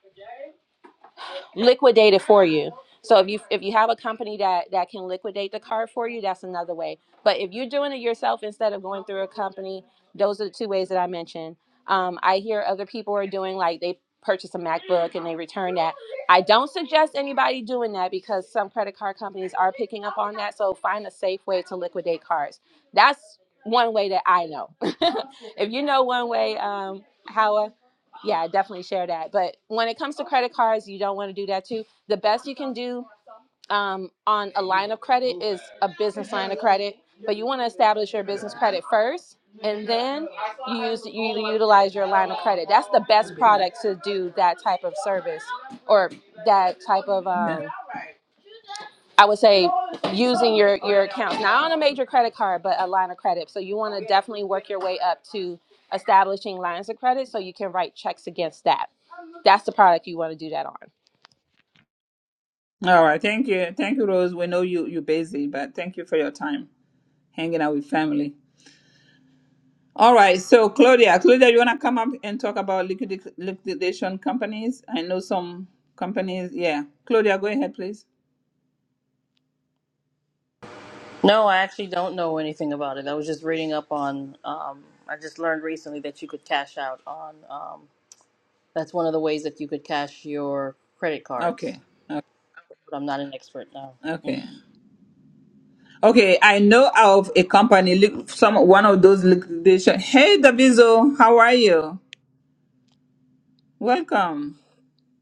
Speaker 11: liquidate it for you. So if you if you have a company that that can liquidate the card for you, that's another way. But if you're doing it yourself instead of going through a company, those are the two ways that I mentioned. Um, I hear other people are doing like they purchase a MacBook and they return that. I don't suggest anybody doing that because some credit card companies are picking up on that. So find a safe way to liquidate cards. That's one way that I know. if you know one way, um, Howa, yeah definitely share that but when it comes to credit cards you don't want to do that too the best you can do um, on a line of credit is a business line of credit but you want to establish your business credit first and then you use you utilize your line of credit that's the best product to do that type of service or that type of
Speaker 1: yeah.
Speaker 11: um, I would say using your your accounts, not on a major credit card, but a line of credit. So you want to definitely work your way up to establishing lines of credit so you can write checks against that. That's the product you want to do that on.
Speaker 1: All right. Thank you. Thank you, Rose. We know you, you're busy, but thank you for your time hanging out with family. All right. So, Claudia, Claudia, you want to come up and talk about liquid, liquidation companies? I know some companies. Yeah. Claudia, go ahead, please.
Speaker 12: No, I actually don't know anything about it. I was just reading up on. Um, I just learned recently that you could cash out on. Um, that's one of the ways that you could cash your credit
Speaker 1: Okay.
Speaker 12: cards.
Speaker 1: O-
Speaker 12: But I'm not an expert now.
Speaker 1: Okay. Okay, I know of a company, li- some one of those liquidation. Hey, Davizo, how are you? Welcome.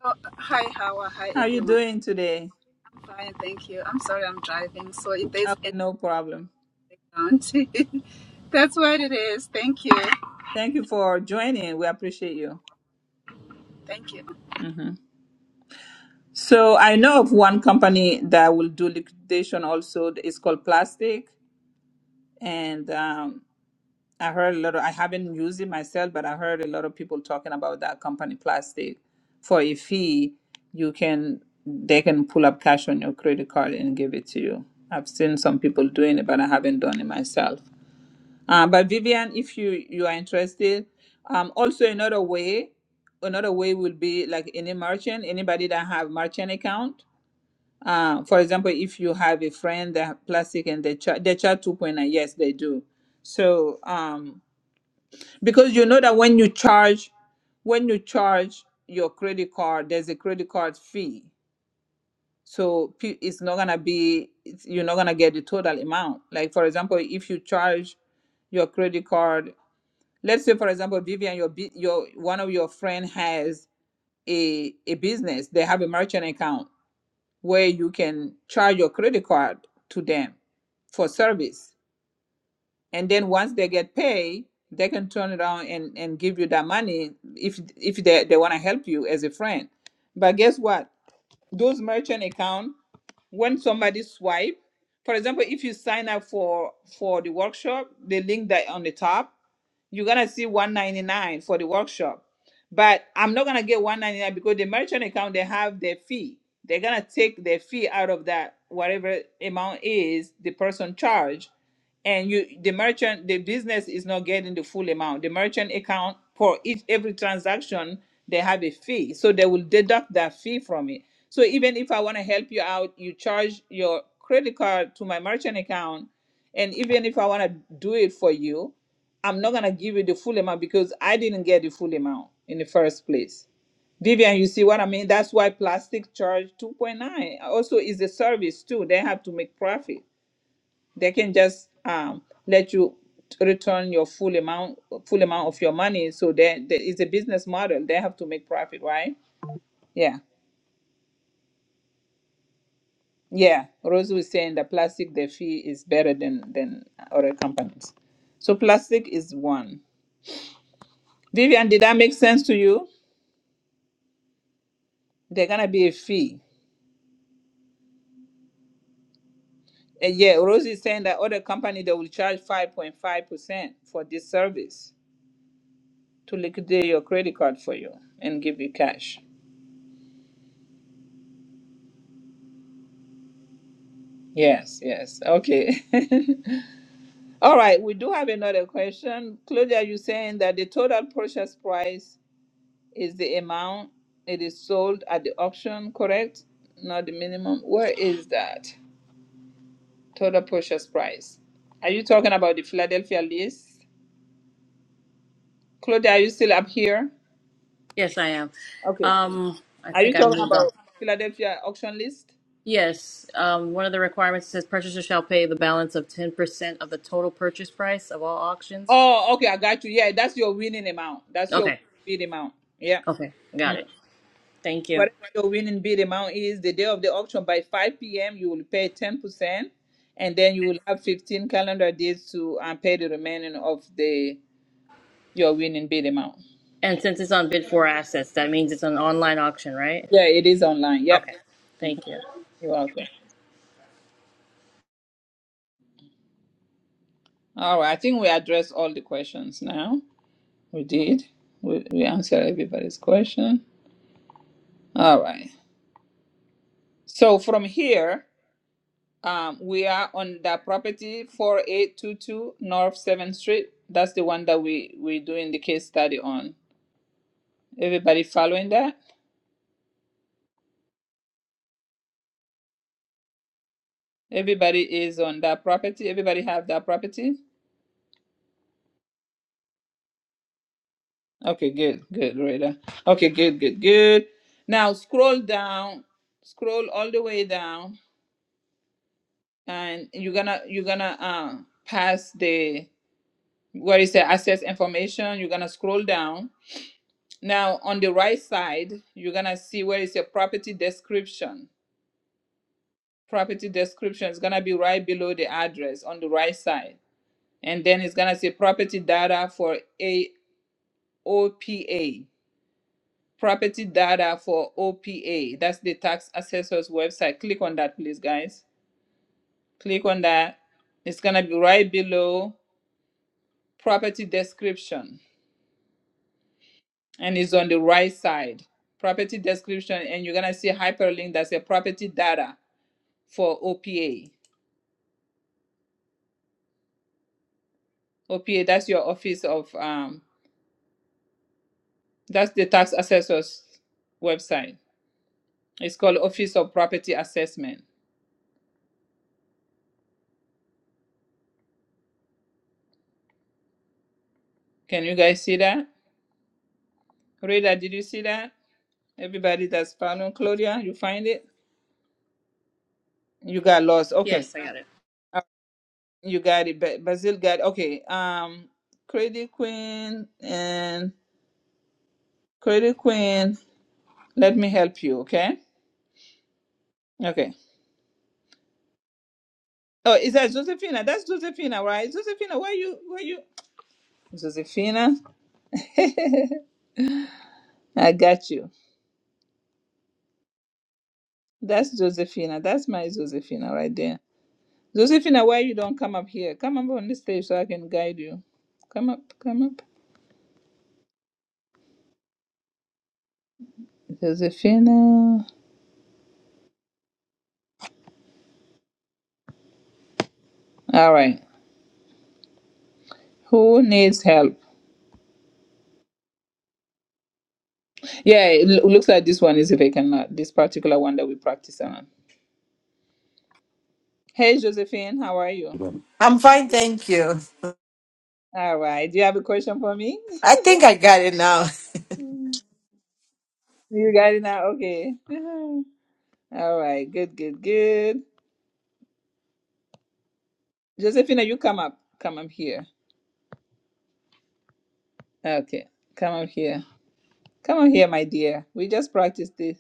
Speaker 13: Oh, hi, Hawa. Hi,
Speaker 1: How you
Speaker 13: everyone.
Speaker 1: doing today?
Speaker 13: I'm fine, thank you. I'm sorry I'm driving, so if there's
Speaker 1: Oh,
Speaker 13: any
Speaker 1: no problem.
Speaker 13: background, that's what it is. Thank you.
Speaker 1: Thank you for joining. We appreciate you.
Speaker 13: Thank you.
Speaker 1: So I know of one company that will do liquidation also. It's called Plastic, and um, I heard a lot of, I haven't used it myself, but I heard a lot of people talking about that company plastic. For a fee, you can they can pull up cash on your credit card and give it to you. I've seen some people doing it, but I haven't done it myself. Uh, but Vivian, if you you are interested, um, also another way, another way would be like any merchant, anybody that have merchant account. Uh, for example, if you have a friend that have plastic and they charge they charge two point nine, yes, they do. So um, because you know that when you charge when you charge your credit card there's a credit card fee so pe- it's not gonna be it's, you're not gonna get the total amount like for example if you charge your credit card let's say for example vivian your bu- your one of your friend has a a business they have a merchant account where you can charge your credit card to them for service and then once they get paid they can turn around and, and give you that money if if they, they want to help you as a friend but guess what those merchant account when somebody swipe for example if you sign up for for the workshop the link that on the top you're gonna see 199 for the workshop but i'm not gonna get 199 because the merchant account they have their fee they're gonna take their fee out of that whatever amount is the person charged and you the merchant the business is not getting the full amount the merchant account for each every transaction they have a fee so they will deduct that fee from it so even if i want to help you out you charge your credit card to my merchant account and even if i want to do it for you i'm not going to give you the full amount because i didn't get the full amount in the first place Vivian, you see what I mean? That's why plastic charge 2.9 also is a service too. They have to make profit they can just um let you return your full amount full amount of your money so there, there is a business model they have to make profit right yeah yeah rose was saying the plastic the fee is better than than other companies so plastic is one vivian did that make sense to you they're gonna be a fee Uh, yeah rose is saying that other company they will charge 5.5 percent for this service to liquidate your credit card for you and give you cash yes yes okay All right, we do have another question. Claudia, you're saying that the total purchase price is the amount it is sold at the auction, correct? Not the minimum. Where is that total purchase price? Are you talking about the Philadelphia list? Claudia, are you still up here?
Speaker 12: Yes, I am.
Speaker 1: Okay.
Speaker 12: Um, I
Speaker 1: Are you
Speaker 12: think I
Speaker 1: talking
Speaker 12: moved on.
Speaker 1: about Philadelphia auction list?
Speaker 12: Yes, um, one of the requirements says purchaser shall pay the balance of 10% of the total purchase price of all auctions.
Speaker 1: Oh, okay, I got you. Yeah, that's your winning amount. That's your
Speaker 12: Okay,
Speaker 1: bid amount. Yeah. Mm-hmm.
Speaker 12: okay, got it. Thank you.
Speaker 1: Whatever your winning bid amount is, the day of the auction by 5 p.m., you will pay 10%, and then you will have 15 calendar days to um, pay the remaining of the your winning bid amount.
Speaker 12: And since it's on bid for assets, that means it's an online auction, right?
Speaker 1: Yeah, it is online. Yep.
Speaker 12: Okay,
Speaker 1: Mhm.
Speaker 12: thank you.
Speaker 1: You're welcome. All right. I think we addressed all the questions now. We did. We, we answered everybody's question. All right. So from here, um, we are on the property 4822 North 7th Street. That's the one that we, we're doing the case study on. Everybody following that? Everybody is on that property. Everybody have that property? Okay, good, good, Rhoda. Okay, good, good, good. Now scroll down, scroll all the way down, and you're gonna you're gonna uh pass the where is the access information. You're gonna scroll down. Now on the right side, you're gonna see where is your property description. Property description is gonna be right below the address on the right side and then it's gonna say property data for a. OPA. Property data for OPA. That's the tax assessor's website. Click on that, please, guys. Click on that. It's going to be right below property description and it's on the right side. Property description, and you're going to see hyperlink that's a property data for OPA. OPA, that's your office of, um, that's the tax assessor's website. It's called Office of Property Assessment. Can you guys see that? Rita, did you see that? Everybody that's found on Claudia, you find it. You got lost. Okay,
Speaker 12: Yes, I got it.
Speaker 1: Uh, you got it. Ba- Basil got okay. Um, Credit Queen and Credit Queen. Let me help you. Okay. Okay. Oh, is that Josephina? That's Josephina, right? Josephina, where you? Where you? Josephina. I got you. That's Josephina. That's my Josephina right there. Josephina, why you don't come up here? Come up on the stage so I can guide you. Come up. Come up. Josephina. All right. Who needs help? Yeah, it loo- looks like this one is a vacant, uh, this particular one that we practice on. Hey, Josephine, how are you?
Speaker 14: I'm fine, thank you.
Speaker 1: All right. Do you have a question for me?
Speaker 14: I think I got it now.
Speaker 1: Mm. You got it now? Okay. Mhm. All right. Good, good, good. Josephina, you come up. Come up here. Okay. Come up here. Come on here, my dear. We just practiced this.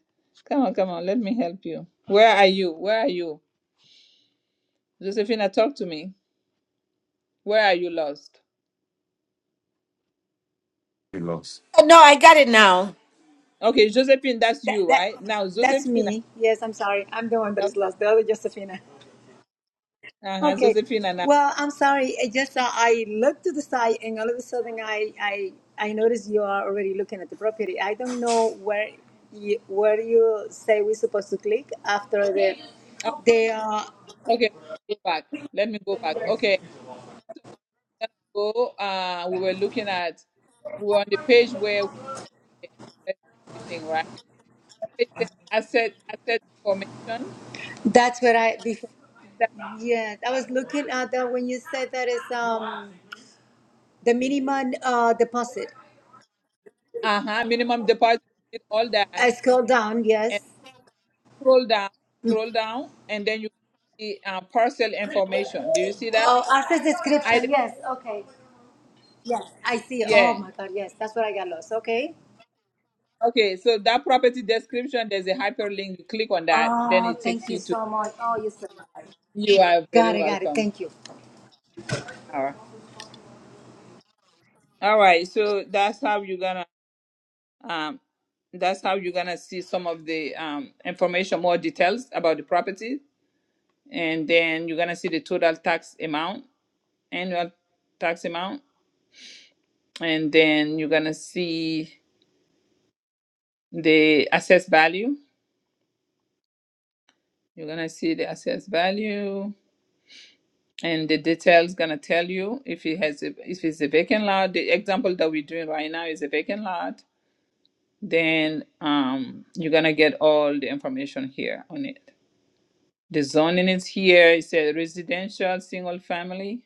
Speaker 1: Come on, come on. Let me help you. Where are you? Where are you? Josephina, talk to me. Where are you lost?
Speaker 14: No, I got it now.
Speaker 1: Okay, Josephine, that's
Speaker 15: That
Speaker 1: you,
Speaker 15: that
Speaker 1: right? Now,
Speaker 15: that's
Speaker 1: Josephina.
Speaker 15: me. Yes, I'm sorry. I'm the one that is lost. The other Josephina.
Speaker 1: Uh-huh,
Speaker 15: Okay.
Speaker 1: Josephina now.
Speaker 15: Well, I'm sorry. I just uh, I looked to the side, and all of a sudden, I I I noticed you are already looking at the property. I don't know where you, where you say we're supposed to click after the
Speaker 1: Oh,
Speaker 15: the. Uh,
Speaker 1: Okay, go back. Let me go back. Okay, let's go. Uh, we were looking at, we were on the page where we assess everything, right? It says asset, asset information.
Speaker 15: that's where I. Bef-
Speaker 1: That,
Speaker 15: yeah, I was looking at that when you said that is um the minimum uh deposit.
Speaker 1: uh-huh, minimum deposit, all
Speaker 15: I
Speaker 1: that.
Speaker 15: scroll down. Yes.
Speaker 1: And scroll down, scroll down, and then you see uh, parcel information. Do you see that?
Speaker 15: Oh, access
Speaker 1: I,
Speaker 15: description. Yes. Okay. Yes, I see. Oh
Speaker 1: yeah.
Speaker 15: my God, yes, that's where I got lost. Okay.
Speaker 1: Okay, so that property description, there's a hyperlink. You click on that, then
Speaker 15: Oh,
Speaker 1: it
Speaker 15: thank
Speaker 1: takes
Speaker 15: you
Speaker 1: you to,
Speaker 15: so much. Oh, you're so nice.
Speaker 1: you are very
Speaker 15: Got it, got it.
Speaker 1: welcome.
Speaker 15: Thank you.
Speaker 1: All right. All right, so that's how you're gonna um that's how you're gonna see some of the um information, more details about the property, and then you're gonna see the total tax amount, annual tax amount, and then you're gonna see the assessed value. You're gonna see the assessed value and the details gonna tell you if it has a, if it's a vacant lot. The example that we're doing right now is a vacant lot. Then um, you're gonna get all the information here on it. The zoning is here. It says residential, single family.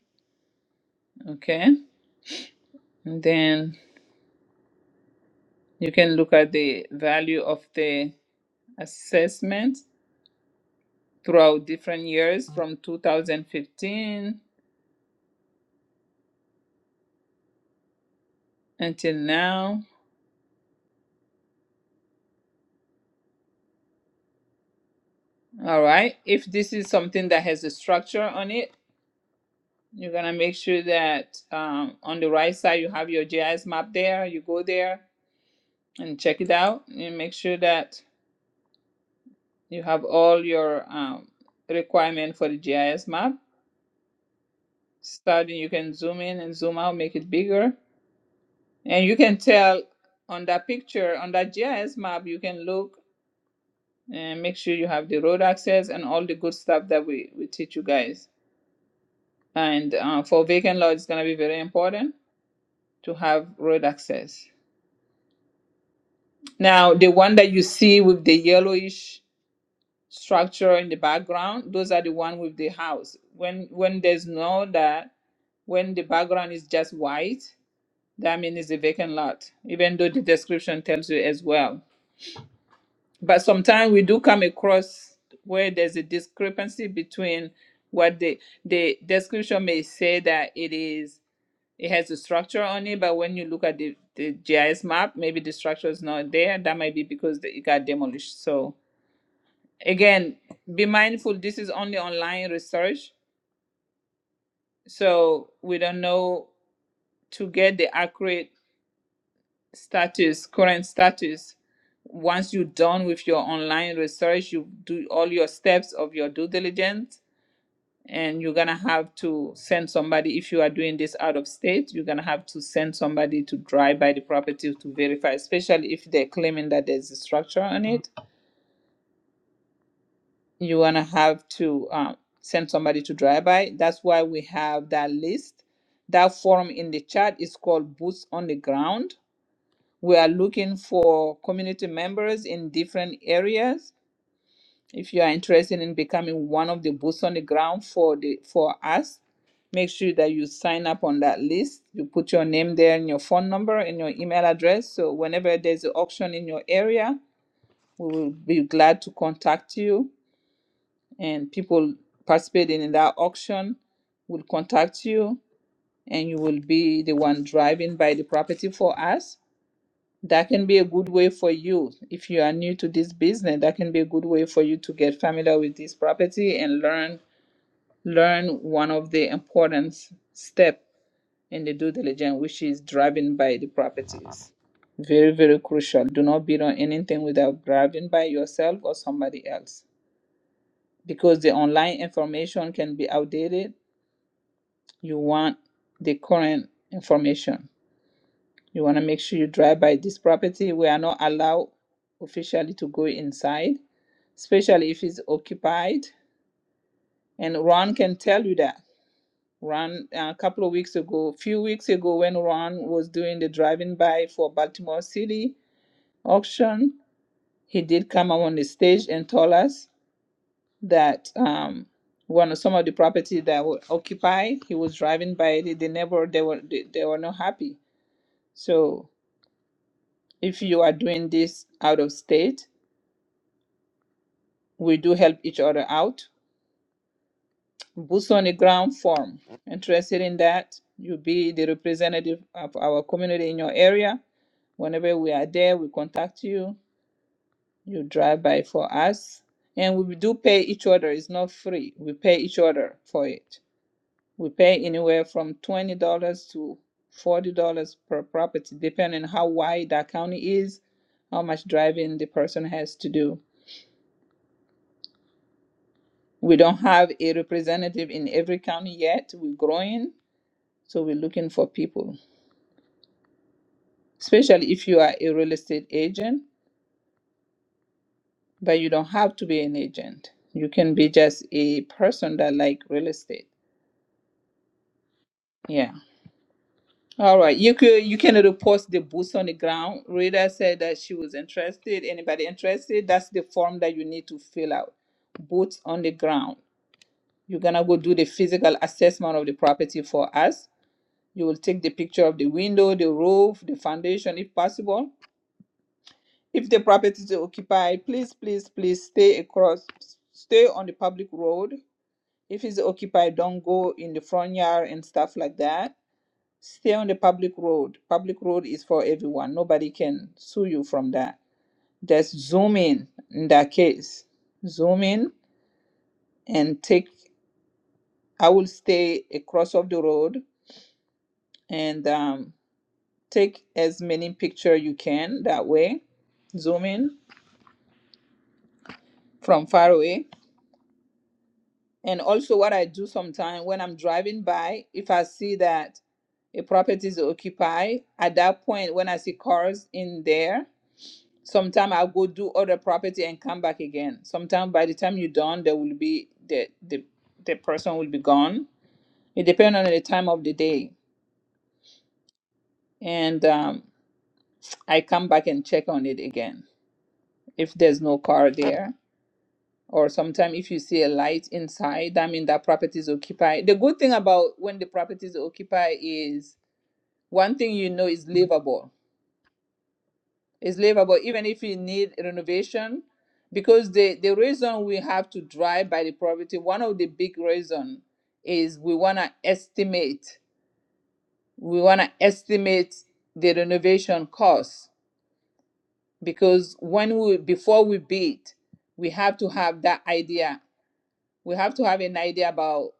Speaker 1: Okay. And then you can look at the value of the assessment throughout different years from 2015 until now. All right. If this is something that has a structure on it, you're going to make sure that um, on the right side you have your GIS map there. You go there and check it out and make sure that you have all your um, requirement for the GIS map starting you can zoom in and zoom out make it bigger and you can tell on that picture on that gis map you can look and make sure you have the road access and all the good stuff that we, we teach you guys and uh, for vacant lot it's going to be very important to have road access now the one that you see with the yellowish structure in the background those are the one with the house when when there's no that when the background is just white That means it's a vacant lot, even though the description tells you as well. But sometimes we do come across where there's a discrepancy between what the the description may say that it is it has a structure on it, but when you look at the, the GIS map, maybe the structure is not there. That might be because the- it got demolished. So again, be mindful this is only online research. So we don't know to get the accurate status, current status. Once you're done with your online research, you do all your steps of your due diligence, and you're gonna have to send somebody. If you are doing this out of state, you're gonna have to send somebody to drive by the property to verify, especially if they're claiming that there's a structure on it. You're gonna have to um, send somebody to drive by. That's why we have that list. That form in the chat is called Boots on the Ground We are looking for community members in different areas. If you are interested in becoming one of the boots on the ground for the for us, make sure that you sign up on that list. You put your name there and your phone number and your email address. So whenever there's an auction in your area, we will be glad to contact you. And people participating in that auction will contact you, and you will be the one driving by the property for us. that can be a good way for you if you are new to this business that can be a good way for you to get familiar with this property and learn learn one of the important step in the due diligence which is driving by the properties very very crucial do not bid on anything without driving by yourself or somebody else because the online information can be outdated you want the current information You want to make sure you drive by this property. We are not allowed officially to go inside, especially if it's occupied. And Ron can tell you that. Ron, a couple of weeks ago, a few weeks ago, when Ron was doing the driving by for Baltimore City auction, he did come up on the stage and told us that um, one of some of the property that were occupied, he was driving by it. They never, they were, they, they were not happy. So if you are doing this out of state, we do help each other out. Boots on the ground form. Interested in that? You be the representative of our community in your area. Whenever we are there, we contact you. You drive by for us. And we do pay each other. It's not free. We pay each other for it. We pay anywhere from $20 to $40 per property, depending on how wide that county is, how much driving the person has to do We don't have a representative in every county yet. We're growing, so we're looking for people, especially if you are a real estate agent, but you don't have to be an agent. You can be just a person that like real estate. Yeah. All right. You could you can repost the boots on the ground. Rita said that she was interested. Anybody interested? That's the form that you need to fill out. Boots on the ground. You're gonna go do the physical assessment of the property for us You will take the picture of the window, the roof, the foundation if possible. If the property is occupied, please, please, please stay across, stay on the public road. If it's occupied, don't go in the front yard and stuff like that. Stay on the public road. Public road is for everyone. Nobody can sue you from that. Just zoom in in that case. Zoom in and take, I will stay across of the road and um, Take as many picture you can that way, zoom in from far away. And also what I do sometimes when I'm driving by, if I see that a property is occupied, at that point when I see cars in there, sometimes I'll go do other property and come back again. Sometimes by the time you're done, there will be the the, the person will be gone. It depends on the time of the day. And um, I come back and check on it again if there's no car there or sometimes if you see a light inside that means that property is occupied the good thing about when the property is occupied is one thing you know is livable it's livable even if you need renovation because the the reason we have to drive by the property one of the big reason is we want to estimate we want to estimate the renovation cost because when we before we bid we have to have that idea we have to have an idea about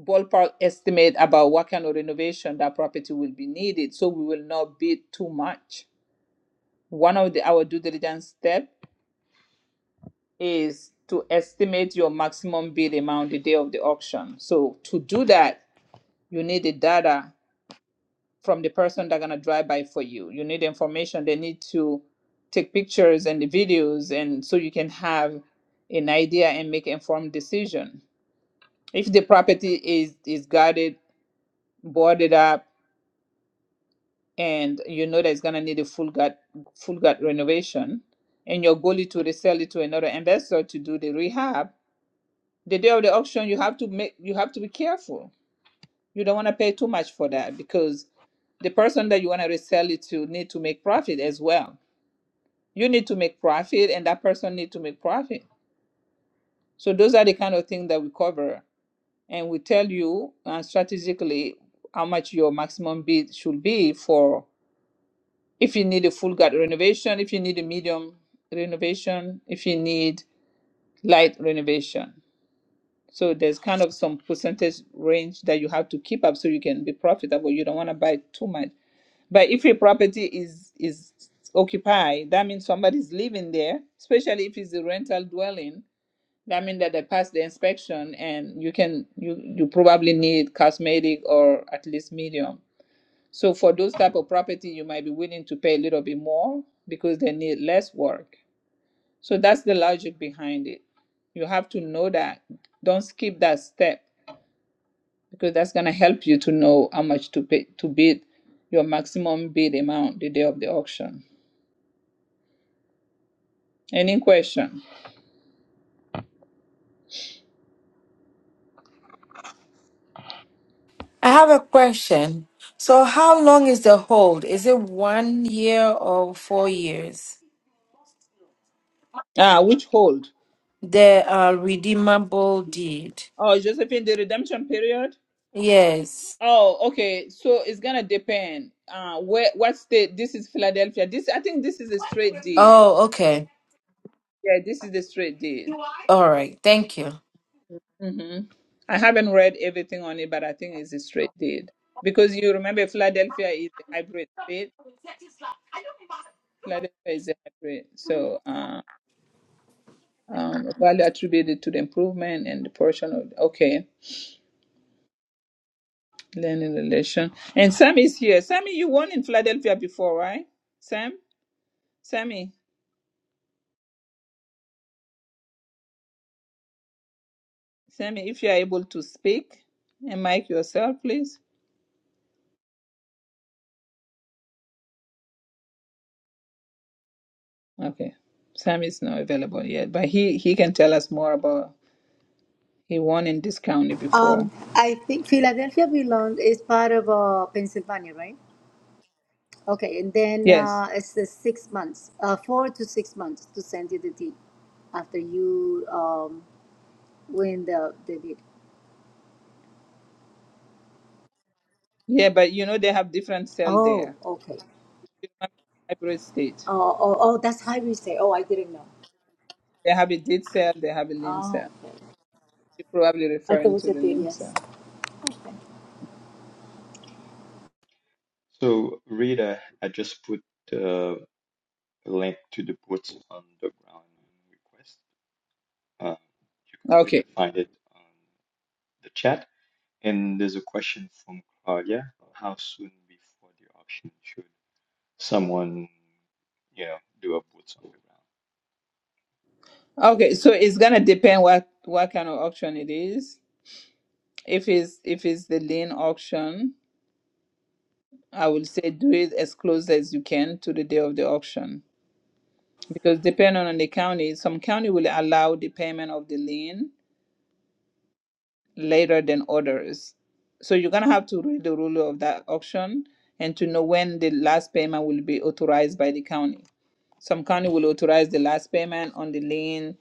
Speaker 1: ballpark estimate about what kind of renovation that property will be needed so we will not bid too much. One of the our due diligence step is to estimate your maximum bid amount the day of the auction. So to do that, you need the data from the person that's gonna drive by for you. You need information. They need to take pictures and the videos and so you can have an idea and make informed decision. If the property is is guarded, boarded up, and you know that it's gonna need a full gut full gut renovation, and your goal is to resell it to another investor to do the rehab, the day of the auction you have to make you have to be careful. You don't wanna pay too much for that because the person that you wanna resell it to need to make profit as well. You need to make profit and that person need to make profit. So those are the kind of things that we cover and we tell you uh, strategically how much your maximum bid should be for if you need a full gut renovation, if you need a medium renovation, if you need light renovation. So there's kind of some percentage range that you have to keep up so you can be profitable. You don't want to buy too much. But if your property is is occupied, that means somebody's living there, especially if it's a rental dwelling. That means that they passed the inspection and you can you you probably need cosmetic or at least medium so for those type of property, you might be willing to pay a little bit more because they need less work. So that's the logic behind it. You have to know that. Don't skip that step because that's gonna help you to know how much to pay to bid your maximum bid amount the day of the auction. Any question?
Speaker 14: I have a question. So, how long is the hold? Is it one year or four years?
Speaker 1: Ah, which hold?
Speaker 14: The uh, redeemable deed.
Speaker 1: Oh, Josephine, the redemption period?
Speaker 14: Yes.
Speaker 1: Oh, okay. So it's gonna depend. Uh, where what state? This is Philadelphia. This I think this is a straight deed.
Speaker 14: Oh, okay.
Speaker 1: Yeah, this is the straight deed.
Speaker 14: All right. Thank you.
Speaker 1: hmm I haven't read everything on it, but I think it's a straight deal because you remember Philadelphia is a hybrid state. Philadelphia is a hybrid, so uh, um, value attributed to the improvement and the portion of okay learning relation. And Sam is here. Sammy, you won in Philadelphia before, right? Sam, Sammy, Sammy, if you are able to speak and mic yourself, please. Okay, Sam is not available yet, but he he can tell us more about he won in this county
Speaker 15: Um,
Speaker 1: before.
Speaker 15: I think Philadelphia belongs is part of uh, Pennsylvania, right? Okay, and then
Speaker 1: Yes.
Speaker 15: uh, it's the six months, uh, four to six months to send you the deed after you um, win the, the deed.
Speaker 1: Yeah, but you know they have different cell
Speaker 15: Oh,
Speaker 1: there.
Speaker 15: okay.
Speaker 1: You hybrid state.
Speaker 15: Oh, oh, oh, that's how we say. Oh, I didn't know.
Speaker 1: They have a dead cell, they have a lean
Speaker 15: Oh,
Speaker 1: cell.
Speaker 15: okay.
Speaker 1: You're probably
Speaker 15: I thought it
Speaker 1: referring
Speaker 15: was
Speaker 1: to
Speaker 15: a
Speaker 1: the
Speaker 15: deed.
Speaker 1: lean
Speaker 15: Yes.
Speaker 1: cell.
Speaker 15: Okay.
Speaker 7: So Rita, I just put the link to the boots on the ground request. Uh, you could, you
Speaker 1: Okay.
Speaker 7: could find it. the chat. And there's a question from Claudia. How soon before the auction should someone, you know, do a boots on the ground?
Speaker 1: Okay, so it's gonna depend what what kind of auction it is. If it's if it's the lean auction, I would say do it as close as you can to the day of the auction. Because depending on the county, some county will allow the payment of the lien later than others. So you're gonna have to read the rule of that auction and to know when the last payment will be authorized by the county. Some county will authorize the last payment on the lien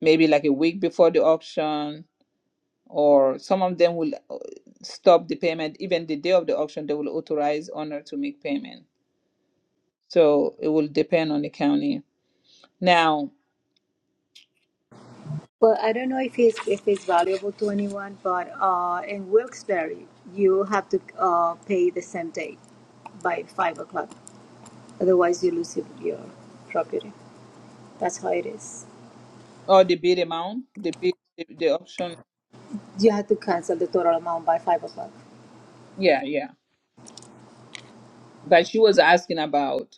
Speaker 1: maybe like a week before the auction, or some of them will uh, stop the payment even the day of the auction. They will authorize owner to make payment. So it will depend on the county now
Speaker 15: Well, I don't know if it's if it's valuable to anyone, but uh, in Wilkes-Barre, you have to uh, pay the same day by five o'clock. Otherwise, you lose your your property. That's how it is.
Speaker 1: or the bid amount, the bid, the, the auction.
Speaker 15: You have to cancel the total amount by five o'clock.
Speaker 1: Yeah, yeah. But she was asking about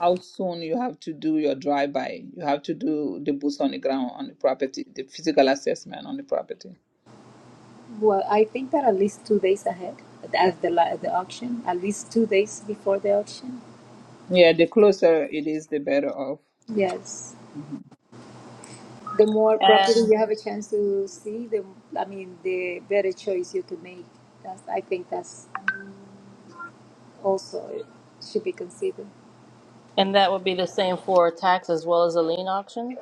Speaker 1: how soon you have to do your drive-by. You have to do the boots on the ground on the property, the physical assessment on the property.
Speaker 15: Well, I think that at least two days ahead of the la- the auction, at least two days before the auction.
Speaker 1: Yeah, the closer it is, the better off.
Speaker 15: Yes,
Speaker 1: hmm
Speaker 15: the more property
Speaker 12: And
Speaker 15: you have a chance to see, the I mean, the better choice you can make. That's I think that's also it should be considered.
Speaker 12: and that would be the same for a tax as well as a lien auction?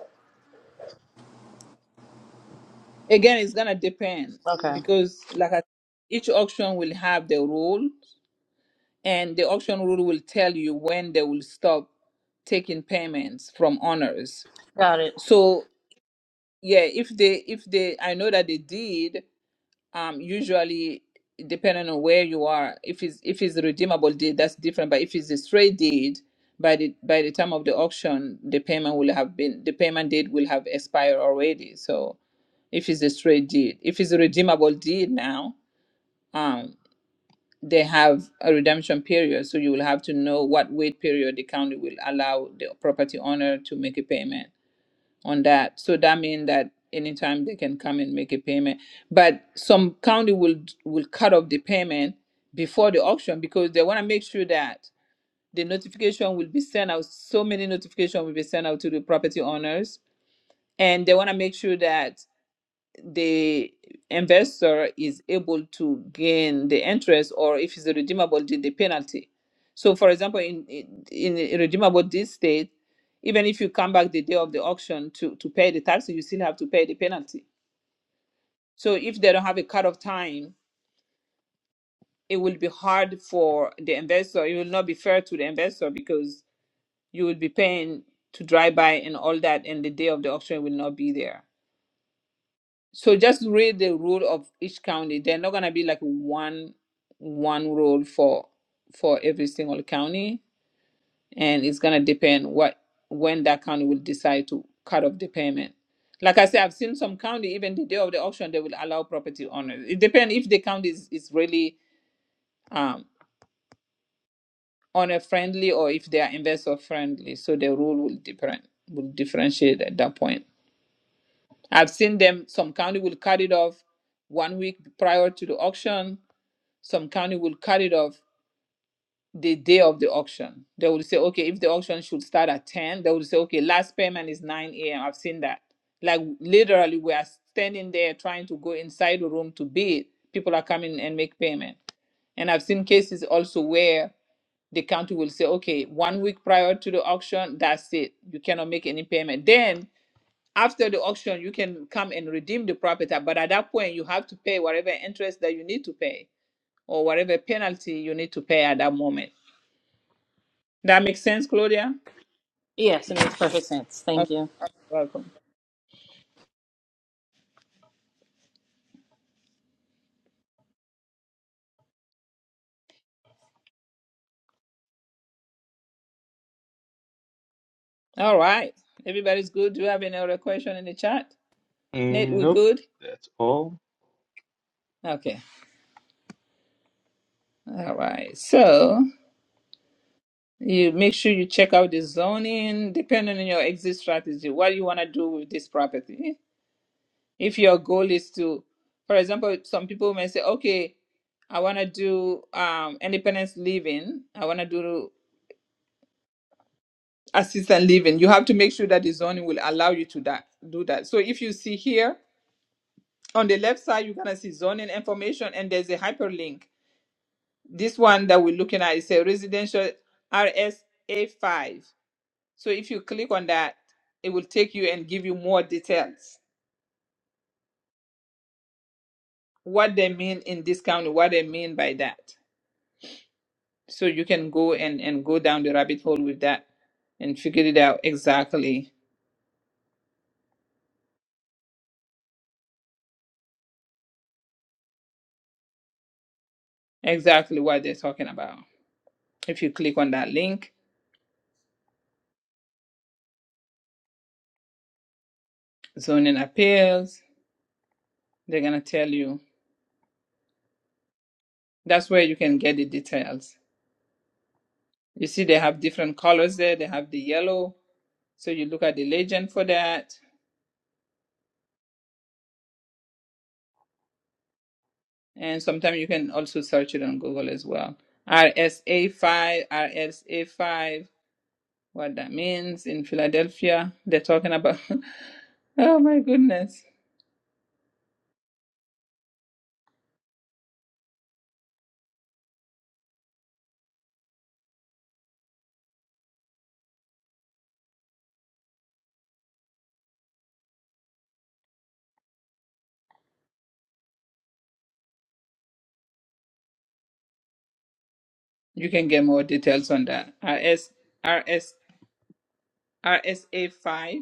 Speaker 1: Again, it's gonna depend
Speaker 12: Okay.
Speaker 1: because, like, I, each auction will have the rule, and the auction rule will tell you when they will stop taking payments from owners.
Speaker 12: Got it.
Speaker 1: So yeah, if they if they I know that they did um usually depending on where you are if it's if it's a redeemable deed that's different but if it's a straight deed by the by the time of the auction the payment will have been the payment date will have expired already so if it's a straight deed if it's a redeemable deed now um they have a redemption period so you will have to know what wait period the county will allow the property owner to make a payment on that. So that means that anytime they can come and make a payment. But some county will will cut off the payment before the auction because they want to make sure that the notification will be sent out. So many notification will be sent out to the property owners, and they want to make sure that the investor is able to gain the interest or if it's redeemable the, the penalty so for example in, in in redeemable this state even if you come back the day of the auction to to pay the taxes you still have to pay the penalty so if they don't have a cut-off time it will be hard for the investor it will not be fair to the investor because you will be paying to drive by and all that and the day of the auction will not be there so just read the rule of each county they're not going to be like one one rule for for every single county and it's going to depend what when that county will decide to cut off the payment like i said i've seen some county even the day of the auction they will allow property owners it depends if the county is, is really um owner friendly or if they are investor friendly so the rule will different will differentiate at that point i've seen them some county will cut it off one week prior to the auction some county will cut it off the day of the auction. They will say, okay, if the auction should start at 10, they will say, okay, last payment is 9 a.m. I've seen that. Like literally, we are standing there trying to go inside the room to bid. People are coming and make payment. And I've seen cases also where the county will say, okay, one week prior to the auction, that's it. You cannot make any payment. Then after the auction, you can come and redeem the property. But at that point, you have to pay whatever interest that you need to pay or whatever penalty you need to pay at that moment. That makes sense, Claudia?
Speaker 12: Yes, it makes perfect sense. Thank
Speaker 1: Okay,
Speaker 12: you.
Speaker 1: welcome. All right. Everybody's good. Do you have any other question in the chat? Nate,
Speaker 7: Mm,
Speaker 1: we
Speaker 7: Nope,
Speaker 1: good?
Speaker 7: that's all.
Speaker 1: Okay. All right. So you make sure you check out the zoning depending on your exit strategy. What you want to do with this property. If your goal is to, for example, some people may say, okay, I want to do um, independence living. I want to do assistant living you have to make sure that the zoning will allow you to that, do that so if you see here on the left side you're going to see zoning information and there's a hyperlink this one that we're looking at is a residential rsa5 so if you click on that it will take you and give you more details what they mean in this county what they mean by that so you can go and, and go down the rabbit hole with that and figure it out exactly exactly what they're talking about if you click on that link zoning appeals. They're gonna tell you. That's where you can get the details. You see, they have different colors there. They have the yellow, so you look at the legend for that. And sometimes you can also search it on Google as well. RSA five, RSA five. What that means in Philadelphia? They're talking about. oh my goodness! You can get more details on that. RS RS RSA five.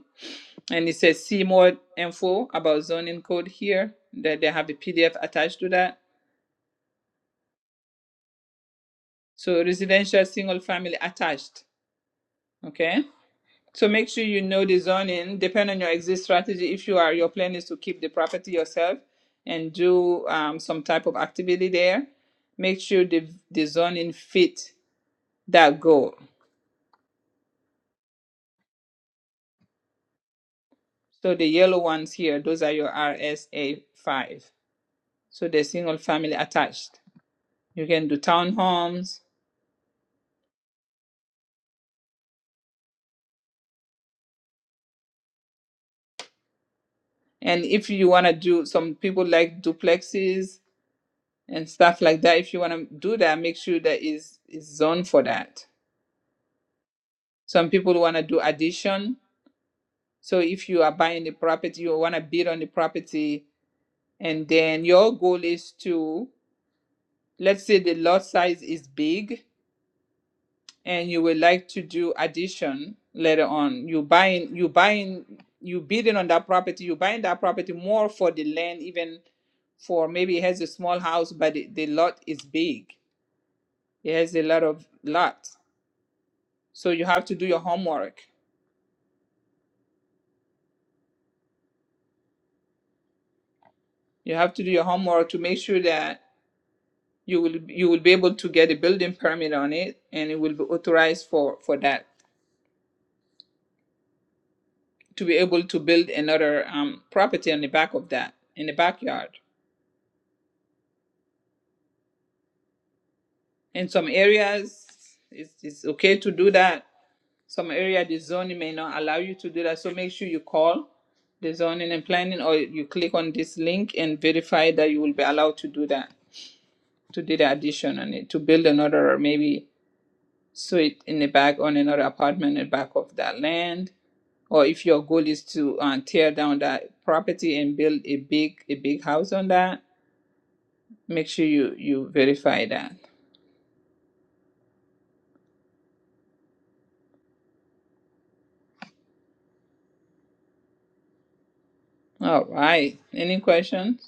Speaker 1: And it says see more info about zoning code here. That they have a PDF attached to that. So residential single family attached. Okay. So make sure you know the zoning. Depend on your exit strategy. If you are your plan is to keep the property yourself and do um, some type of activity there, make sure the the zoning fit that goal. So the yellow ones here, those are your RSA five. So they're single family attached. You can do townhomes And if you want to do, some people like duplexes and stuff like that. If you want to do that, make sure that is is zoned for that. Some people want to do addition. So if you are buying the property, you want to bid on the property, and then your goal is to, let's say the lot size is big, and you would like to do addition later on you buying you buying you bidding on that property you buying that property more for the land even for maybe it has a small house but the, the lot is big it has a lot of lots so you have to do your homework you have to do your homework to make sure that you will you will be able to get a building permit on it and it will be authorized for for that to be able to build another um, property on the back of that in the backyard In some areas, it's, it's okay to do that. Some area the zoning may not allow you to do that. So make sure you call the zoning and planning or you click on this link and verify that you will be allowed to do that, to do the addition on it, to build another or maybe suite in the back on another apartment in the back of that land. Or if your goal is to uh, tear down that property and build a big a big house on that, make sure you you verify that. All right. Any questions?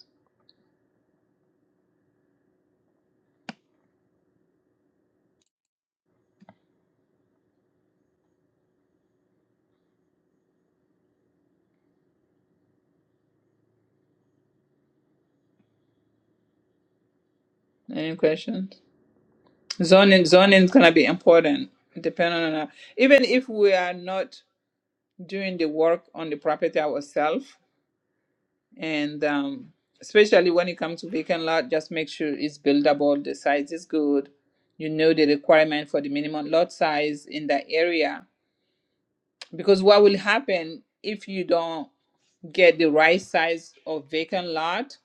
Speaker 1: Any questions? Zoning zoning is gonna be important depending on our- even if we are not doing the work on the property ourselves and um especially when it comes to vacant lot, just make sure it's buildable, the size is good, you know the requirement for the minimum lot size in that area. Because what will happen if you don't get the right size of vacant lot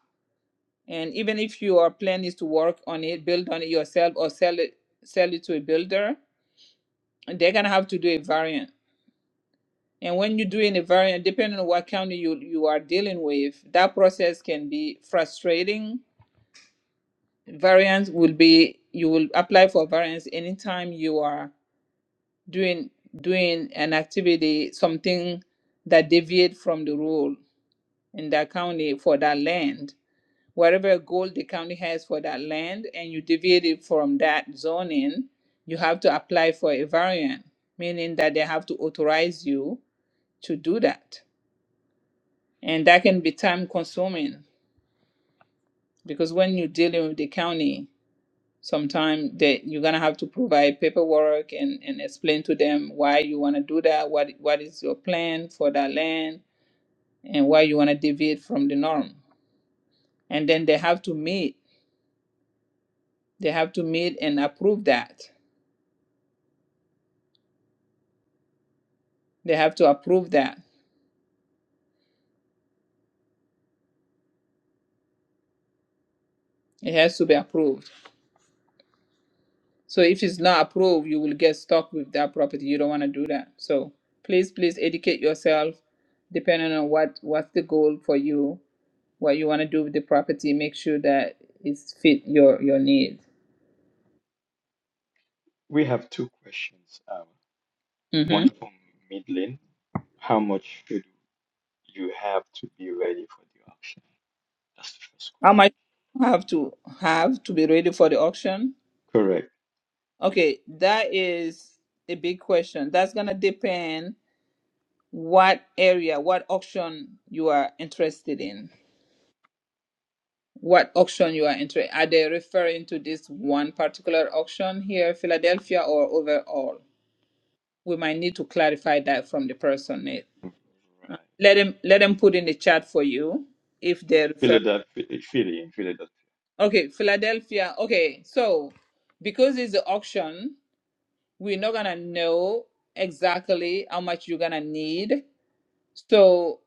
Speaker 1: and even if your plan is to work on it, build on it yourself or sell it sell it to a builder, and they're gonna have to do a variant. And when you're doing a variant, depending on what county you you are dealing with, that process can be frustrating. Variance will be you will apply for variance anytime you are doing doing an activity, something that deviate from the rule in that county for that land. Whatever goal the county has for that land and you deviate it from that zoning, you have to apply for a variant, meaning that they have to authorize you to do that. And that can be time consuming because when you're dealing with the county, sometimes that you're gonna have to provide paperwork and, and explain to them why you wanna do that, what what is your plan for that land and why you wanna deviate from the norm. And then they have to meet. They have to meet and approve that. They have to approve that. It has to be approved So if it's not approved, you will get stuck with that property. You don't want to do that. So please, please educate yourself depending on what what's the goal for you, what you want to do with the property. Make sure that it's fit your your need.
Speaker 7: We have two questions. Um,
Speaker 1: hmm
Speaker 7: one from Midlin. How much should you have to be ready for the auction? That's the first
Speaker 1: How
Speaker 7: question.
Speaker 1: much you have to have to be ready for the auction?
Speaker 7: Correct.
Speaker 1: Okay, that is a big question. That's gonna depend what area, what auction you are interested in what auction you are entering. Are they referring to this one particular auction here, Philadelphia, or overall? We might need to clarify that from the person. It
Speaker 7: Right.
Speaker 1: let them let them put in the chat for you if they refer.
Speaker 7: Philadelphia, Philly, in Philadelphia.
Speaker 1: Okay, Philadelphia. Okay, so because it's the auction, we're not gonna know exactly how much you're gonna need. So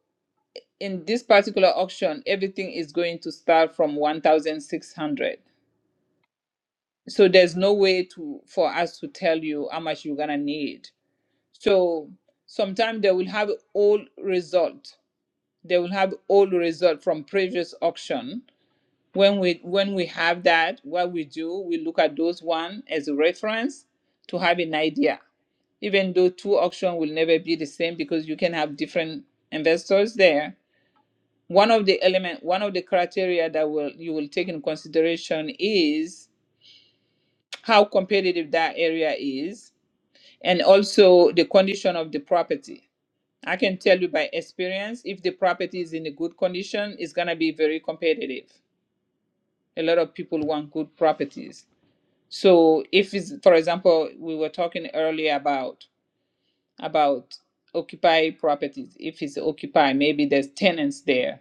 Speaker 1: in this particular auction, everything is going to start from one thousand six hundred. so there's no way to for us to tell you how much you're gonna need so sometimes they will have all result they will have all result from previous auction when we when we have that what we do we look at those one as a reference to have an idea even though two auction will never be the same because you can have different investors there one of the element one of the criteria that will you will take in consideration is how competitive that area is and also the condition of the property. I can tell you by experience if the property is in a good condition, it's going to be very competitive. A lot of people want good properties. So if it's for example, we were talking earlier about about occupy properties. If it's occupy, maybe there's tenants there.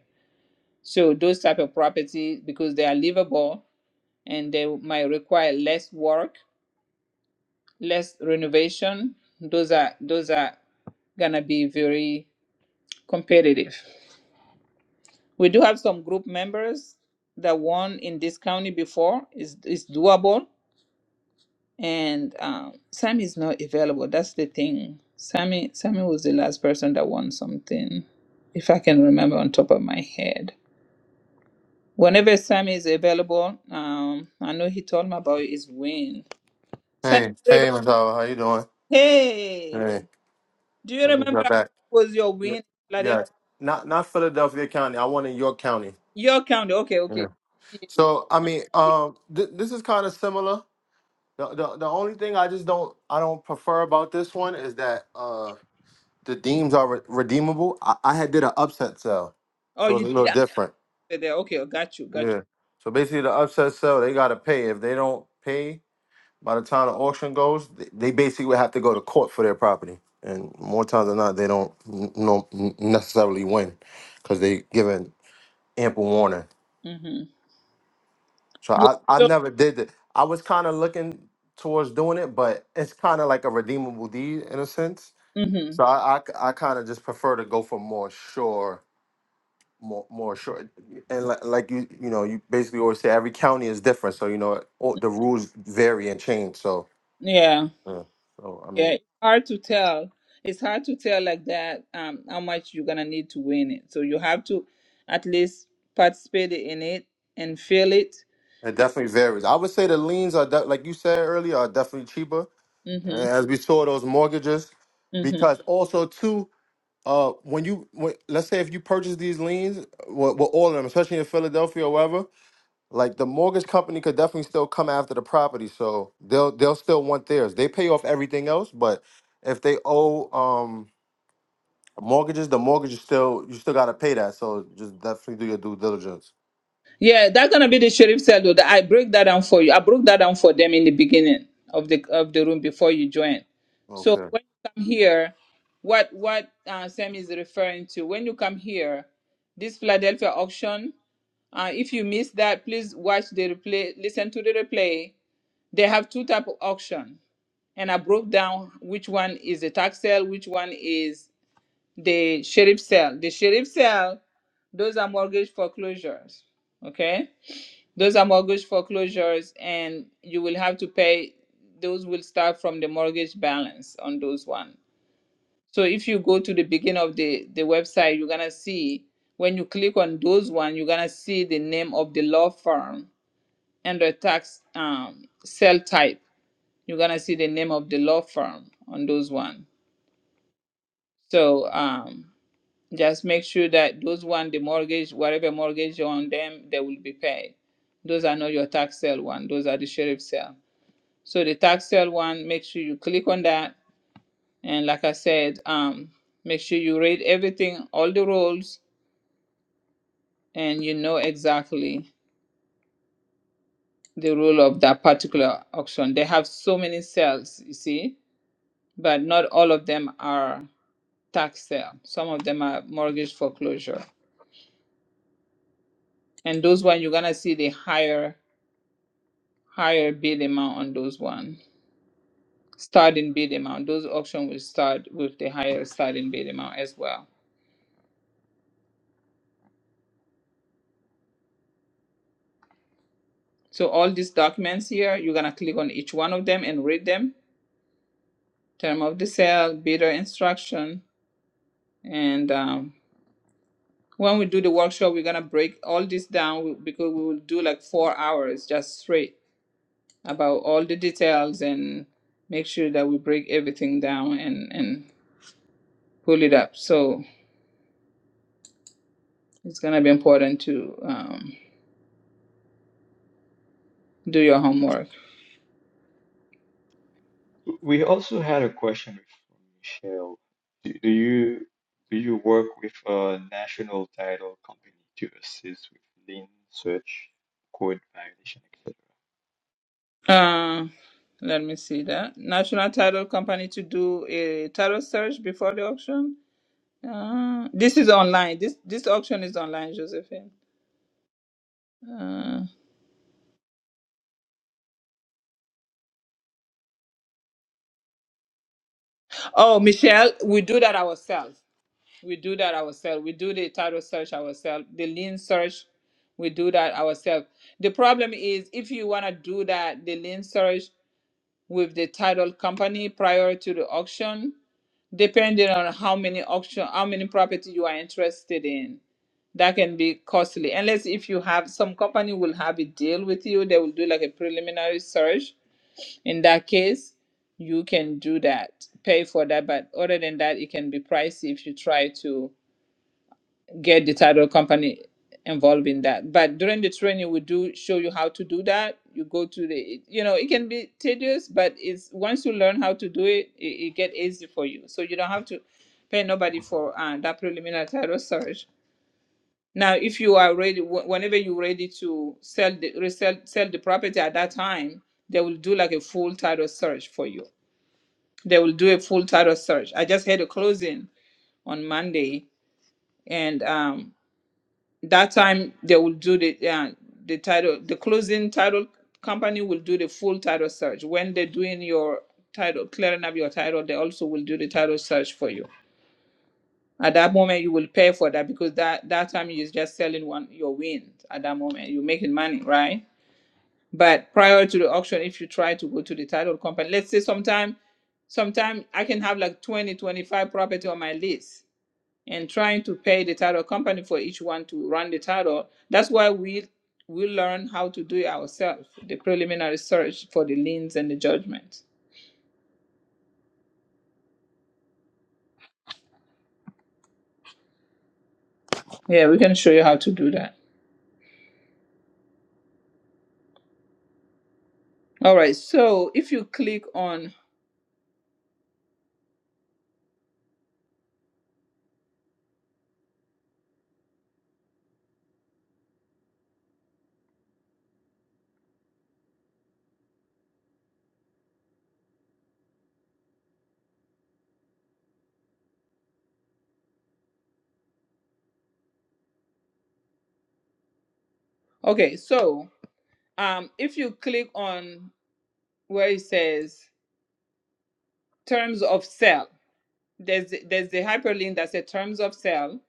Speaker 1: So those type of properties because they are livable and they might require less work less renovation. Those are those are gonna be very competitive. We do have some group members that won in this county before. is is doable, and um, Sammy is not available. That's the thing. Sammy Sammy was the last person that won something, if I can remember on top of my head. Whenever Sammy is available, um, I know he told me about his win. Sammy,
Speaker 4: Hey, hey, Miss Howard, how you doing?
Speaker 1: hey,
Speaker 4: Hey,
Speaker 1: do you
Speaker 4: I just got
Speaker 1: remember
Speaker 4: back.
Speaker 1: was your
Speaker 4: Yeah,
Speaker 1: win?
Speaker 4: yeah. Not not Philadelphia County. I want in York County.
Speaker 1: Your county. Okay,
Speaker 4: Mm.
Speaker 1: okay.
Speaker 4: So I mean, um, th- this is kind of similar. The, the the only thing I just don't I don't prefer about this one is that uh the deems are re- redeemable. I, I had did an upset sale,
Speaker 1: Oh,
Speaker 4: so
Speaker 1: you
Speaker 4: it's a
Speaker 1: did
Speaker 4: little
Speaker 1: it
Speaker 4: different.
Speaker 1: after there. Okay, oh, got you, got
Speaker 4: Yeah. So basically, the upset sale they gotta pay. If they don't pay by the time the auction goes, they, they basically would have to go to court for their property. And more times than not, they don't n- no n- necessarily win because they given ample warning.
Speaker 1: you. Mm-hmm.
Speaker 4: So
Speaker 1: Yeah.
Speaker 4: I, I
Speaker 1: So,
Speaker 4: never did it. I was kind of looking towards doing it, but it's kind of like a redeemable deed in a sense.
Speaker 1: mm-hmm.
Speaker 4: So I, I, kind of just prefer to go for more sure, more more sure. And li- like you, you know, you basically always say every county is different. So you know, all, the rules vary and change. So
Speaker 1: Yeah,
Speaker 4: yeah. So I
Speaker 1: yeah.
Speaker 4: mean,
Speaker 1: It's hard to tell. It's hard to tell like that um how much you're gonna need to win it. So you have to at least participate in it and feel it.
Speaker 4: it definitely varies. I would say the liens are de- like you said earlier are definitely cheaper, and
Speaker 1: Mm-hmm.
Speaker 4: as we saw those mortgages,
Speaker 1: mm-hmm.
Speaker 4: because also too. Uh, when you when, let's say if you purchase these liens, well, well, all of them, especially in Philadelphia or wherever, like the mortgage company could definitely still come after the property, so they'll they'll still want theirs. They pay off everything else, but if they owe um mortgages, the mortgage is still you still gotta pay that. So just definitely do your due diligence.
Speaker 1: Yeah, that's gonna be the sheriff cell though. That I break that down for you. I broke that down for them in the beginning of the of the room before you join. So
Speaker 4: Okay.
Speaker 1: when you come here, what what uh, Sam is referring to? When you come here, this Philadelphia auction. Uh, if you miss that, please watch the replay. Listen to the replay. They have two type of auction, and I broke down which one is a tax sale, which one is the sheriff sale. The sheriff sale, those are mortgage foreclosures. Okay those are mortgage foreclosures, and you will have to pay. Those will start from the mortgage balance on those one. So if you go to the beginning of the the website, you're gonna see when you click on those one, you're gonna see the name of the law firm and the tax um, cell type. You're gonna see the name of the law firm on those one. So um, just make sure that those one, the mortgage, whatever mortgage you're on them, they will be paid. Those are not your tax sale one. Those are the sheriff sale. So the tax sale one, make sure you click on that. And like I said, um, make sure you read everything, all the rules, and you know exactly the rule of that particular auction. They have so many sales, you see, but not all of them are tax sale. Some of them are mortgage foreclosure. And those one you're gonna see the higher higher bid amount on those one. Starting bid amount. Those auction will start with the higher starting bid amount as well. So all these documents here, you're gonna click on each one of them and read them. Term of the sale, bidder instruction, and um, when we do the workshop, we're gonna break all this down because we will do like four hours just straight about all the details and make sure that we break everything down and and pull it up. So it's gonna be important to um, do your homework.
Speaker 7: We also had a question from Michelle. Do, do you do you work with a national title company to assist with lien search, code violation, etc.?
Speaker 1: Uh, let me see that. National Title Company to do a title search before the auction Uh, this is online. This this auction is online, Josephine. Uh, oh, Michelle, we do that ourselves. We do that ourselves. We do the title search ourselves. The lean search, we do that ourselves. The problem is if you want to do that, the lean search with the title company prior to the auction, depending on how many auction, how many property you are interested in that can be costly unless if you have some company will have a deal with you they will do like a preliminary search in that case you can do that pay for that but other than that it can be pricey if you try to get the title company involved in that but during the training we do show you how to do that you go to the you know it can be tedious but it's once you learn how to do it it, it get easy for you so you don't have to pay nobody for uh, that preliminary title search now if you are ready wh- whenever you're ready to sell the resell sell the property at that time they will do like a full title search for you they will do a full title search. I just had a closing on Monday, and um, that time they will do the uh, the title, the closing title company will do the full title search. When they're doing your title, clearing up your title, they also will do the title search for you. At that moment, you will pay for that because that that time you're just selling one your wins. At that moment, you're making money, right? But prior to the auction, if you try to go to the title company, let's say sometime, sometime I can have like 20, 25 property on my list and trying to pay the title company for each one to run the title. That's why we we learn how to do it ourselves, the preliminary search for the liens and the judgments. Yeah, we can show you how to do that. All right, so if you click on, okay, so um, if you click on where it says terms of sale, there's there's the hyperlink that says terms of sale.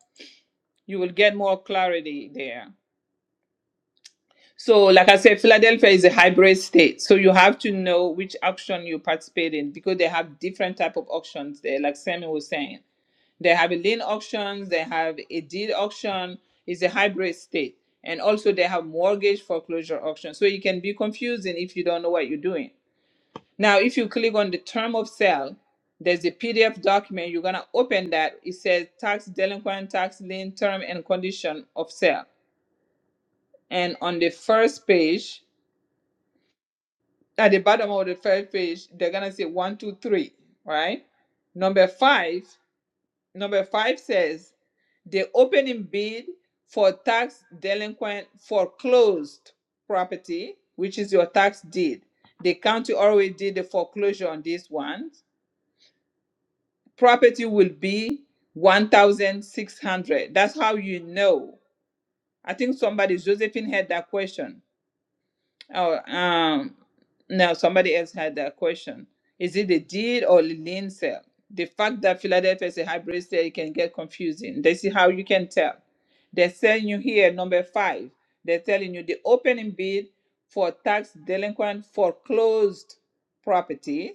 Speaker 1: You will get more clarity there. So, like I said, Philadelphia is a hybrid state, so you have to know which auction you participate in because they have different type of auctions there. Like Sammy was saying, they have a lien auction, they have a deed auction. It's a hybrid state, and also they have mortgage foreclosure auction. So it can be confusing if you don't know what you're doing. Now, if you click on the term of sale, there's a PDF document. You're gonna open that. It says tax delinquent, tax lien, term and condition of sale. And on the first page, at the bottom of the first page, they're gonna say one, two, three, right? Number five, number five says the opening bid for tax delinquent foreclosed property, which is your tax deed. The county already did the foreclosure on this one property will be 1600 that's how you know i think somebody josephine had that question oh um no somebody else had that question is it a deed or a lien sale the fact that philadelphia is a hybrid sale can get confusing this is how you can tell they're selling you here number five they're telling you the opening bid for tax delinquent foreclosed property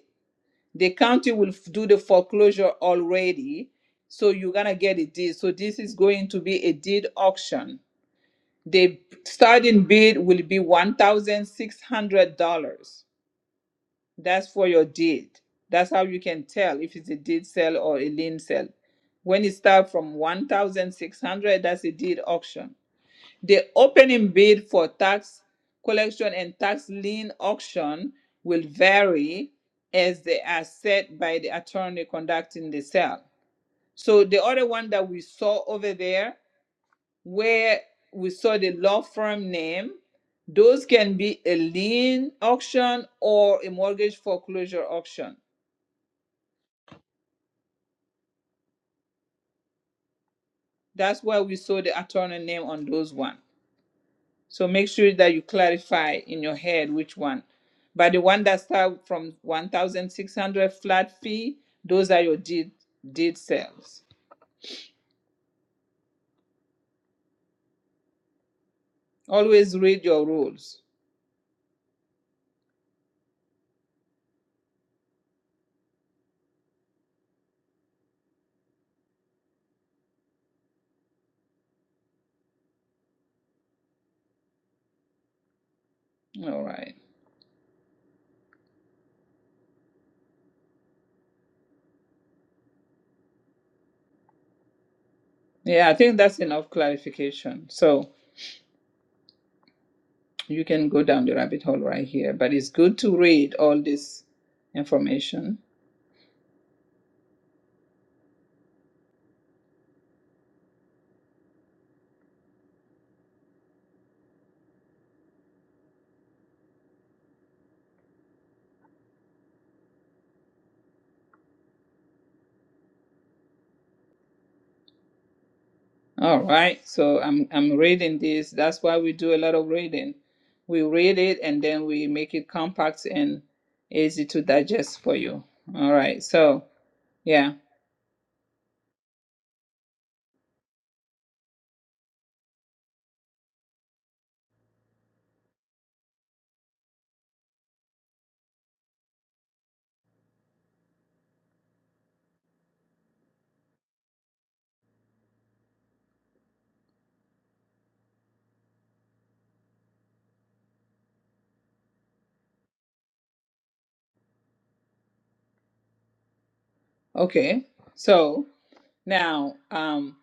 Speaker 1: the county will f- do the foreclosure already so you're gonna get a deed so this is going to be a deed auction the starting bid will be $1600 that's for your deed that's how you can tell if it's a deed sale or a lien sale when it starts from 1600 that's a deed auction the opening bid for tax collection and tax lien auction will vary as they are set by the attorney conducting the sale. So the other one that we saw over there, where we saw the law firm name, those can be a lien auction or a mortgage foreclosure auction. That's why we saw the attorney name on those one. So make sure that you clarify in your head which one. But the one that start from 1,600 flat fee, those are your deed deed sales. Always read your rules. All right. Yeah, I think that's enough clarification. So you can go down the rabbit hole right here. But it's good to read all this information All right. So I'm I'm reading this. That's why we do a lot of reading. We read it and then we make it compact and easy to digest for you. All right. So yeah. Okay. So now um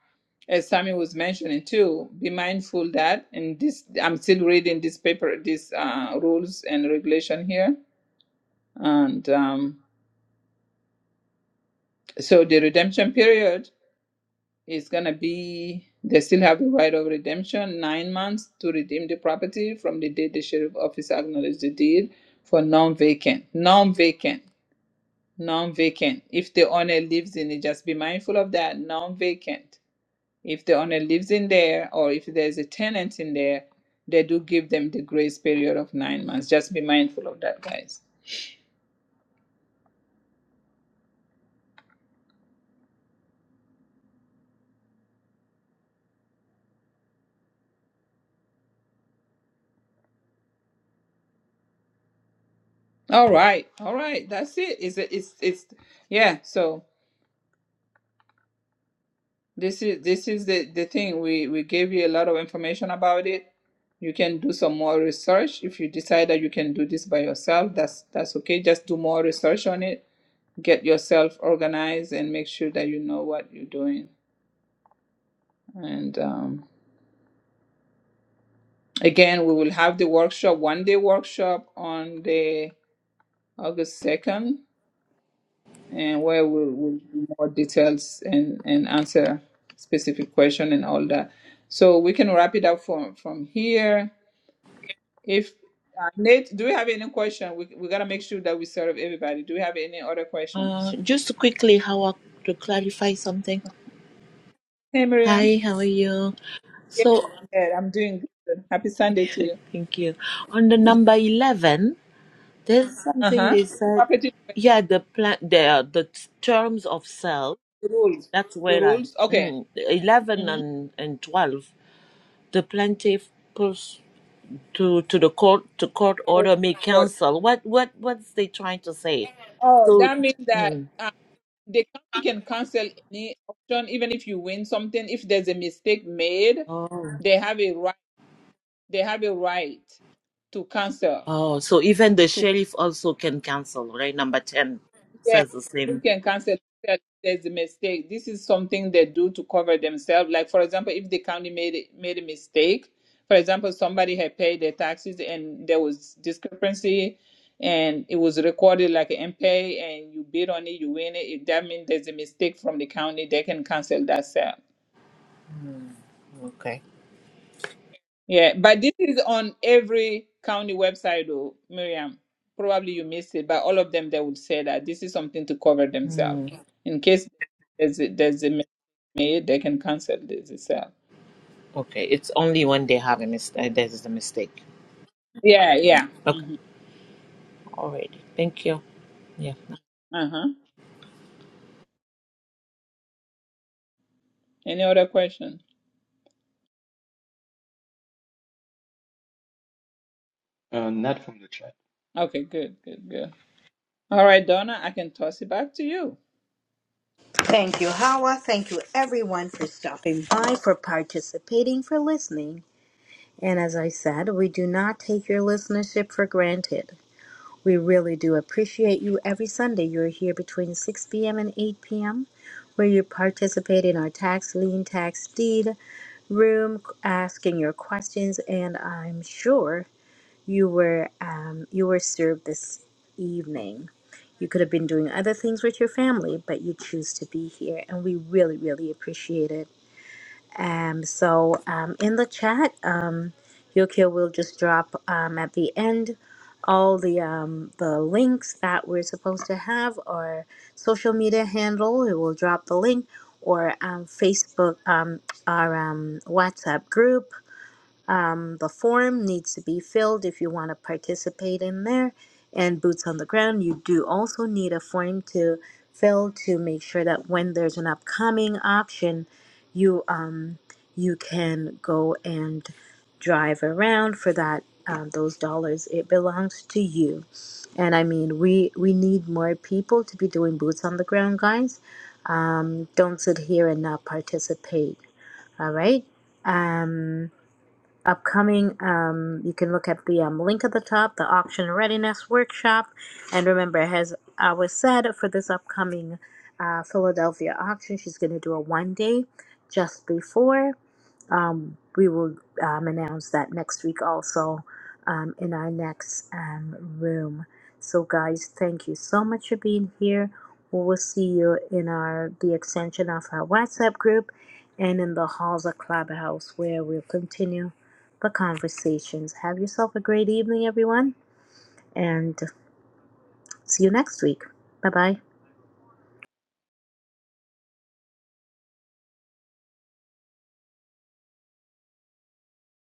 Speaker 1: as Sammy was mentioning too, be mindful that and this I'm still reading this paper, these uh, rules and regulation here. And um so the redemption period It's gonna be they still have the right of redemption, nine months to redeem the property from the date the sheriff office acknowledged the deed for non-vacant, non-vacant, non-vacant. If the owner lives in it, just be mindful of that, non-vacant. If the owner lives in there or if there's a tenant in there, they do give them the grace period of nine months. Just be mindful of that, guys. All right, all right, that's it. Is it? It's it's yeah. So This is this is the, the thing. We we gave you a lot of information about it. You can do some more research. If you decide that you can do this by yourself, that's that's okay. Just do more research on it. Get yourself organized and make sure that you know what you're doing. And um, again, we will have the workshop, one day workshop on the August second, and where we'll, we'll do more details and and answer specific question and all that. So we can wrap it up from from here If uh, Nate, do we have any question? We we gotta make sure that we serve everybody. Do we have any other
Speaker 16: Uh,
Speaker 1: questions?
Speaker 16: just quickly, how I- to clarify something.
Speaker 1: Hey, Miriam.
Speaker 16: Hi, how are you?
Speaker 1: Yeah,
Speaker 16: So,
Speaker 1: yeah, I'm doing good. Happy Sunday to you.
Speaker 16: thank you. On the number eleven, there's
Speaker 1: Uh
Speaker 16: something
Speaker 1: huh.
Speaker 16: they said.
Speaker 1: Property
Speaker 16: Yeah, the plan, the the t- terms of sale.
Speaker 1: the rules.
Speaker 16: That's
Speaker 1: The
Speaker 16: where I
Speaker 1: rules. Okay.
Speaker 16: mm, eleven
Speaker 1: Mm-hmm.
Speaker 16: and and twelve. The plaintiff pulls to to the court to court
Speaker 1: So,
Speaker 16: order may
Speaker 1: what-
Speaker 16: cancel. What what what's they trying to say?
Speaker 1: Oh,
Speaker 16: So,
Speaker 1: that means that
Speaker 16: mm,
Speaker 1: uh, the county can cancel any auction, even if you win something. If there's a mistake made,
Speaker 16: Oh.
Speaker 1: they have a right. They have a right to cancel.
Speaker 16: Oh, so even the sheriff also can cancel, right? Number 10
Speaker 1: Yeah,
Speaker 16: says the
Speaker 1: you
Speaker 16: same.
Speaker 1: can cancel that there's a mistake. This is something they do to cover themselves. Like for example, if the county made a- made a mistake, for example, somebody had paid their taxes and there was discrepancy and it was recorded like an pay and you bid on it, you win it. If that means there's a mistake from the county, they can cancel that sale.
Speaker 16: Okay.
Speaker 1: Yeah, but this is on every county website, though, Miriam. Probably you missed it, but all of them they would say that this is something to cover themselves
Speaker 16: Hmm.
Speaker 1: in case there's a, there's a mistake made they can cancel this itself.
Speaker 16: Okay, it's only when they have a mistake. There is a mistake.
Speaker 1: Yeah, yeah.
Speaker 16: Okay,
Speaker 1: hmm
Speaker 16: alrighty. Thank you. Yeah.
Speaker 1: Uh huh. Any other question?
Speaker 7: Uh, not from the chat.
Speaker 1: Okay, good, good, good. All right, Donna, I can toss it back to you.
Speaker 2: Thank you, Hawa. Thank you, everyone, for stopping by, for participating, for listening. And as I said, we do not take your listenership for granted. We really do appreciate you every Sunday. You're here between 6 p.m. and 8 p.m., where you participate in our tax lien, tax deed room, asking your questions, and I'm sure you were um, you were served this evening. You could have been doing other things with your family, but you choose to be here, and we really, really appreciate it. Um, so um, in the chat, um, Yokio will just drop um, at the end all the um, the links that we're supposed to have, or social media handle. It will drop the link, or um, Facebook, um, our um, WhatsApp group um, the form needs to be filled if you want to participate in there. And boots on the ground, you do also need a form to fill to make sure that when there's an upcoming auction, you um you can go and drive around for that um, those dollars. It belongs to you. And I mean, we we need more people to be doing boots on the ground, guys. Um, don't sit here and not participate. All right. Um, upcoming um, you can look at the um, link at the top the auction readiness workshop and remember as i was said for this upcoming uh, philadelphia auction she's going to do a one day just before um, we will um, announce that next week also um, in our next um, room so guys thank you so much for being here we will see you in our the extension of our whatsapp group and in the halls of clubhouse where we'll continue the conversations. Have yourself a great evening, everyone, and see you next week. Bye bye.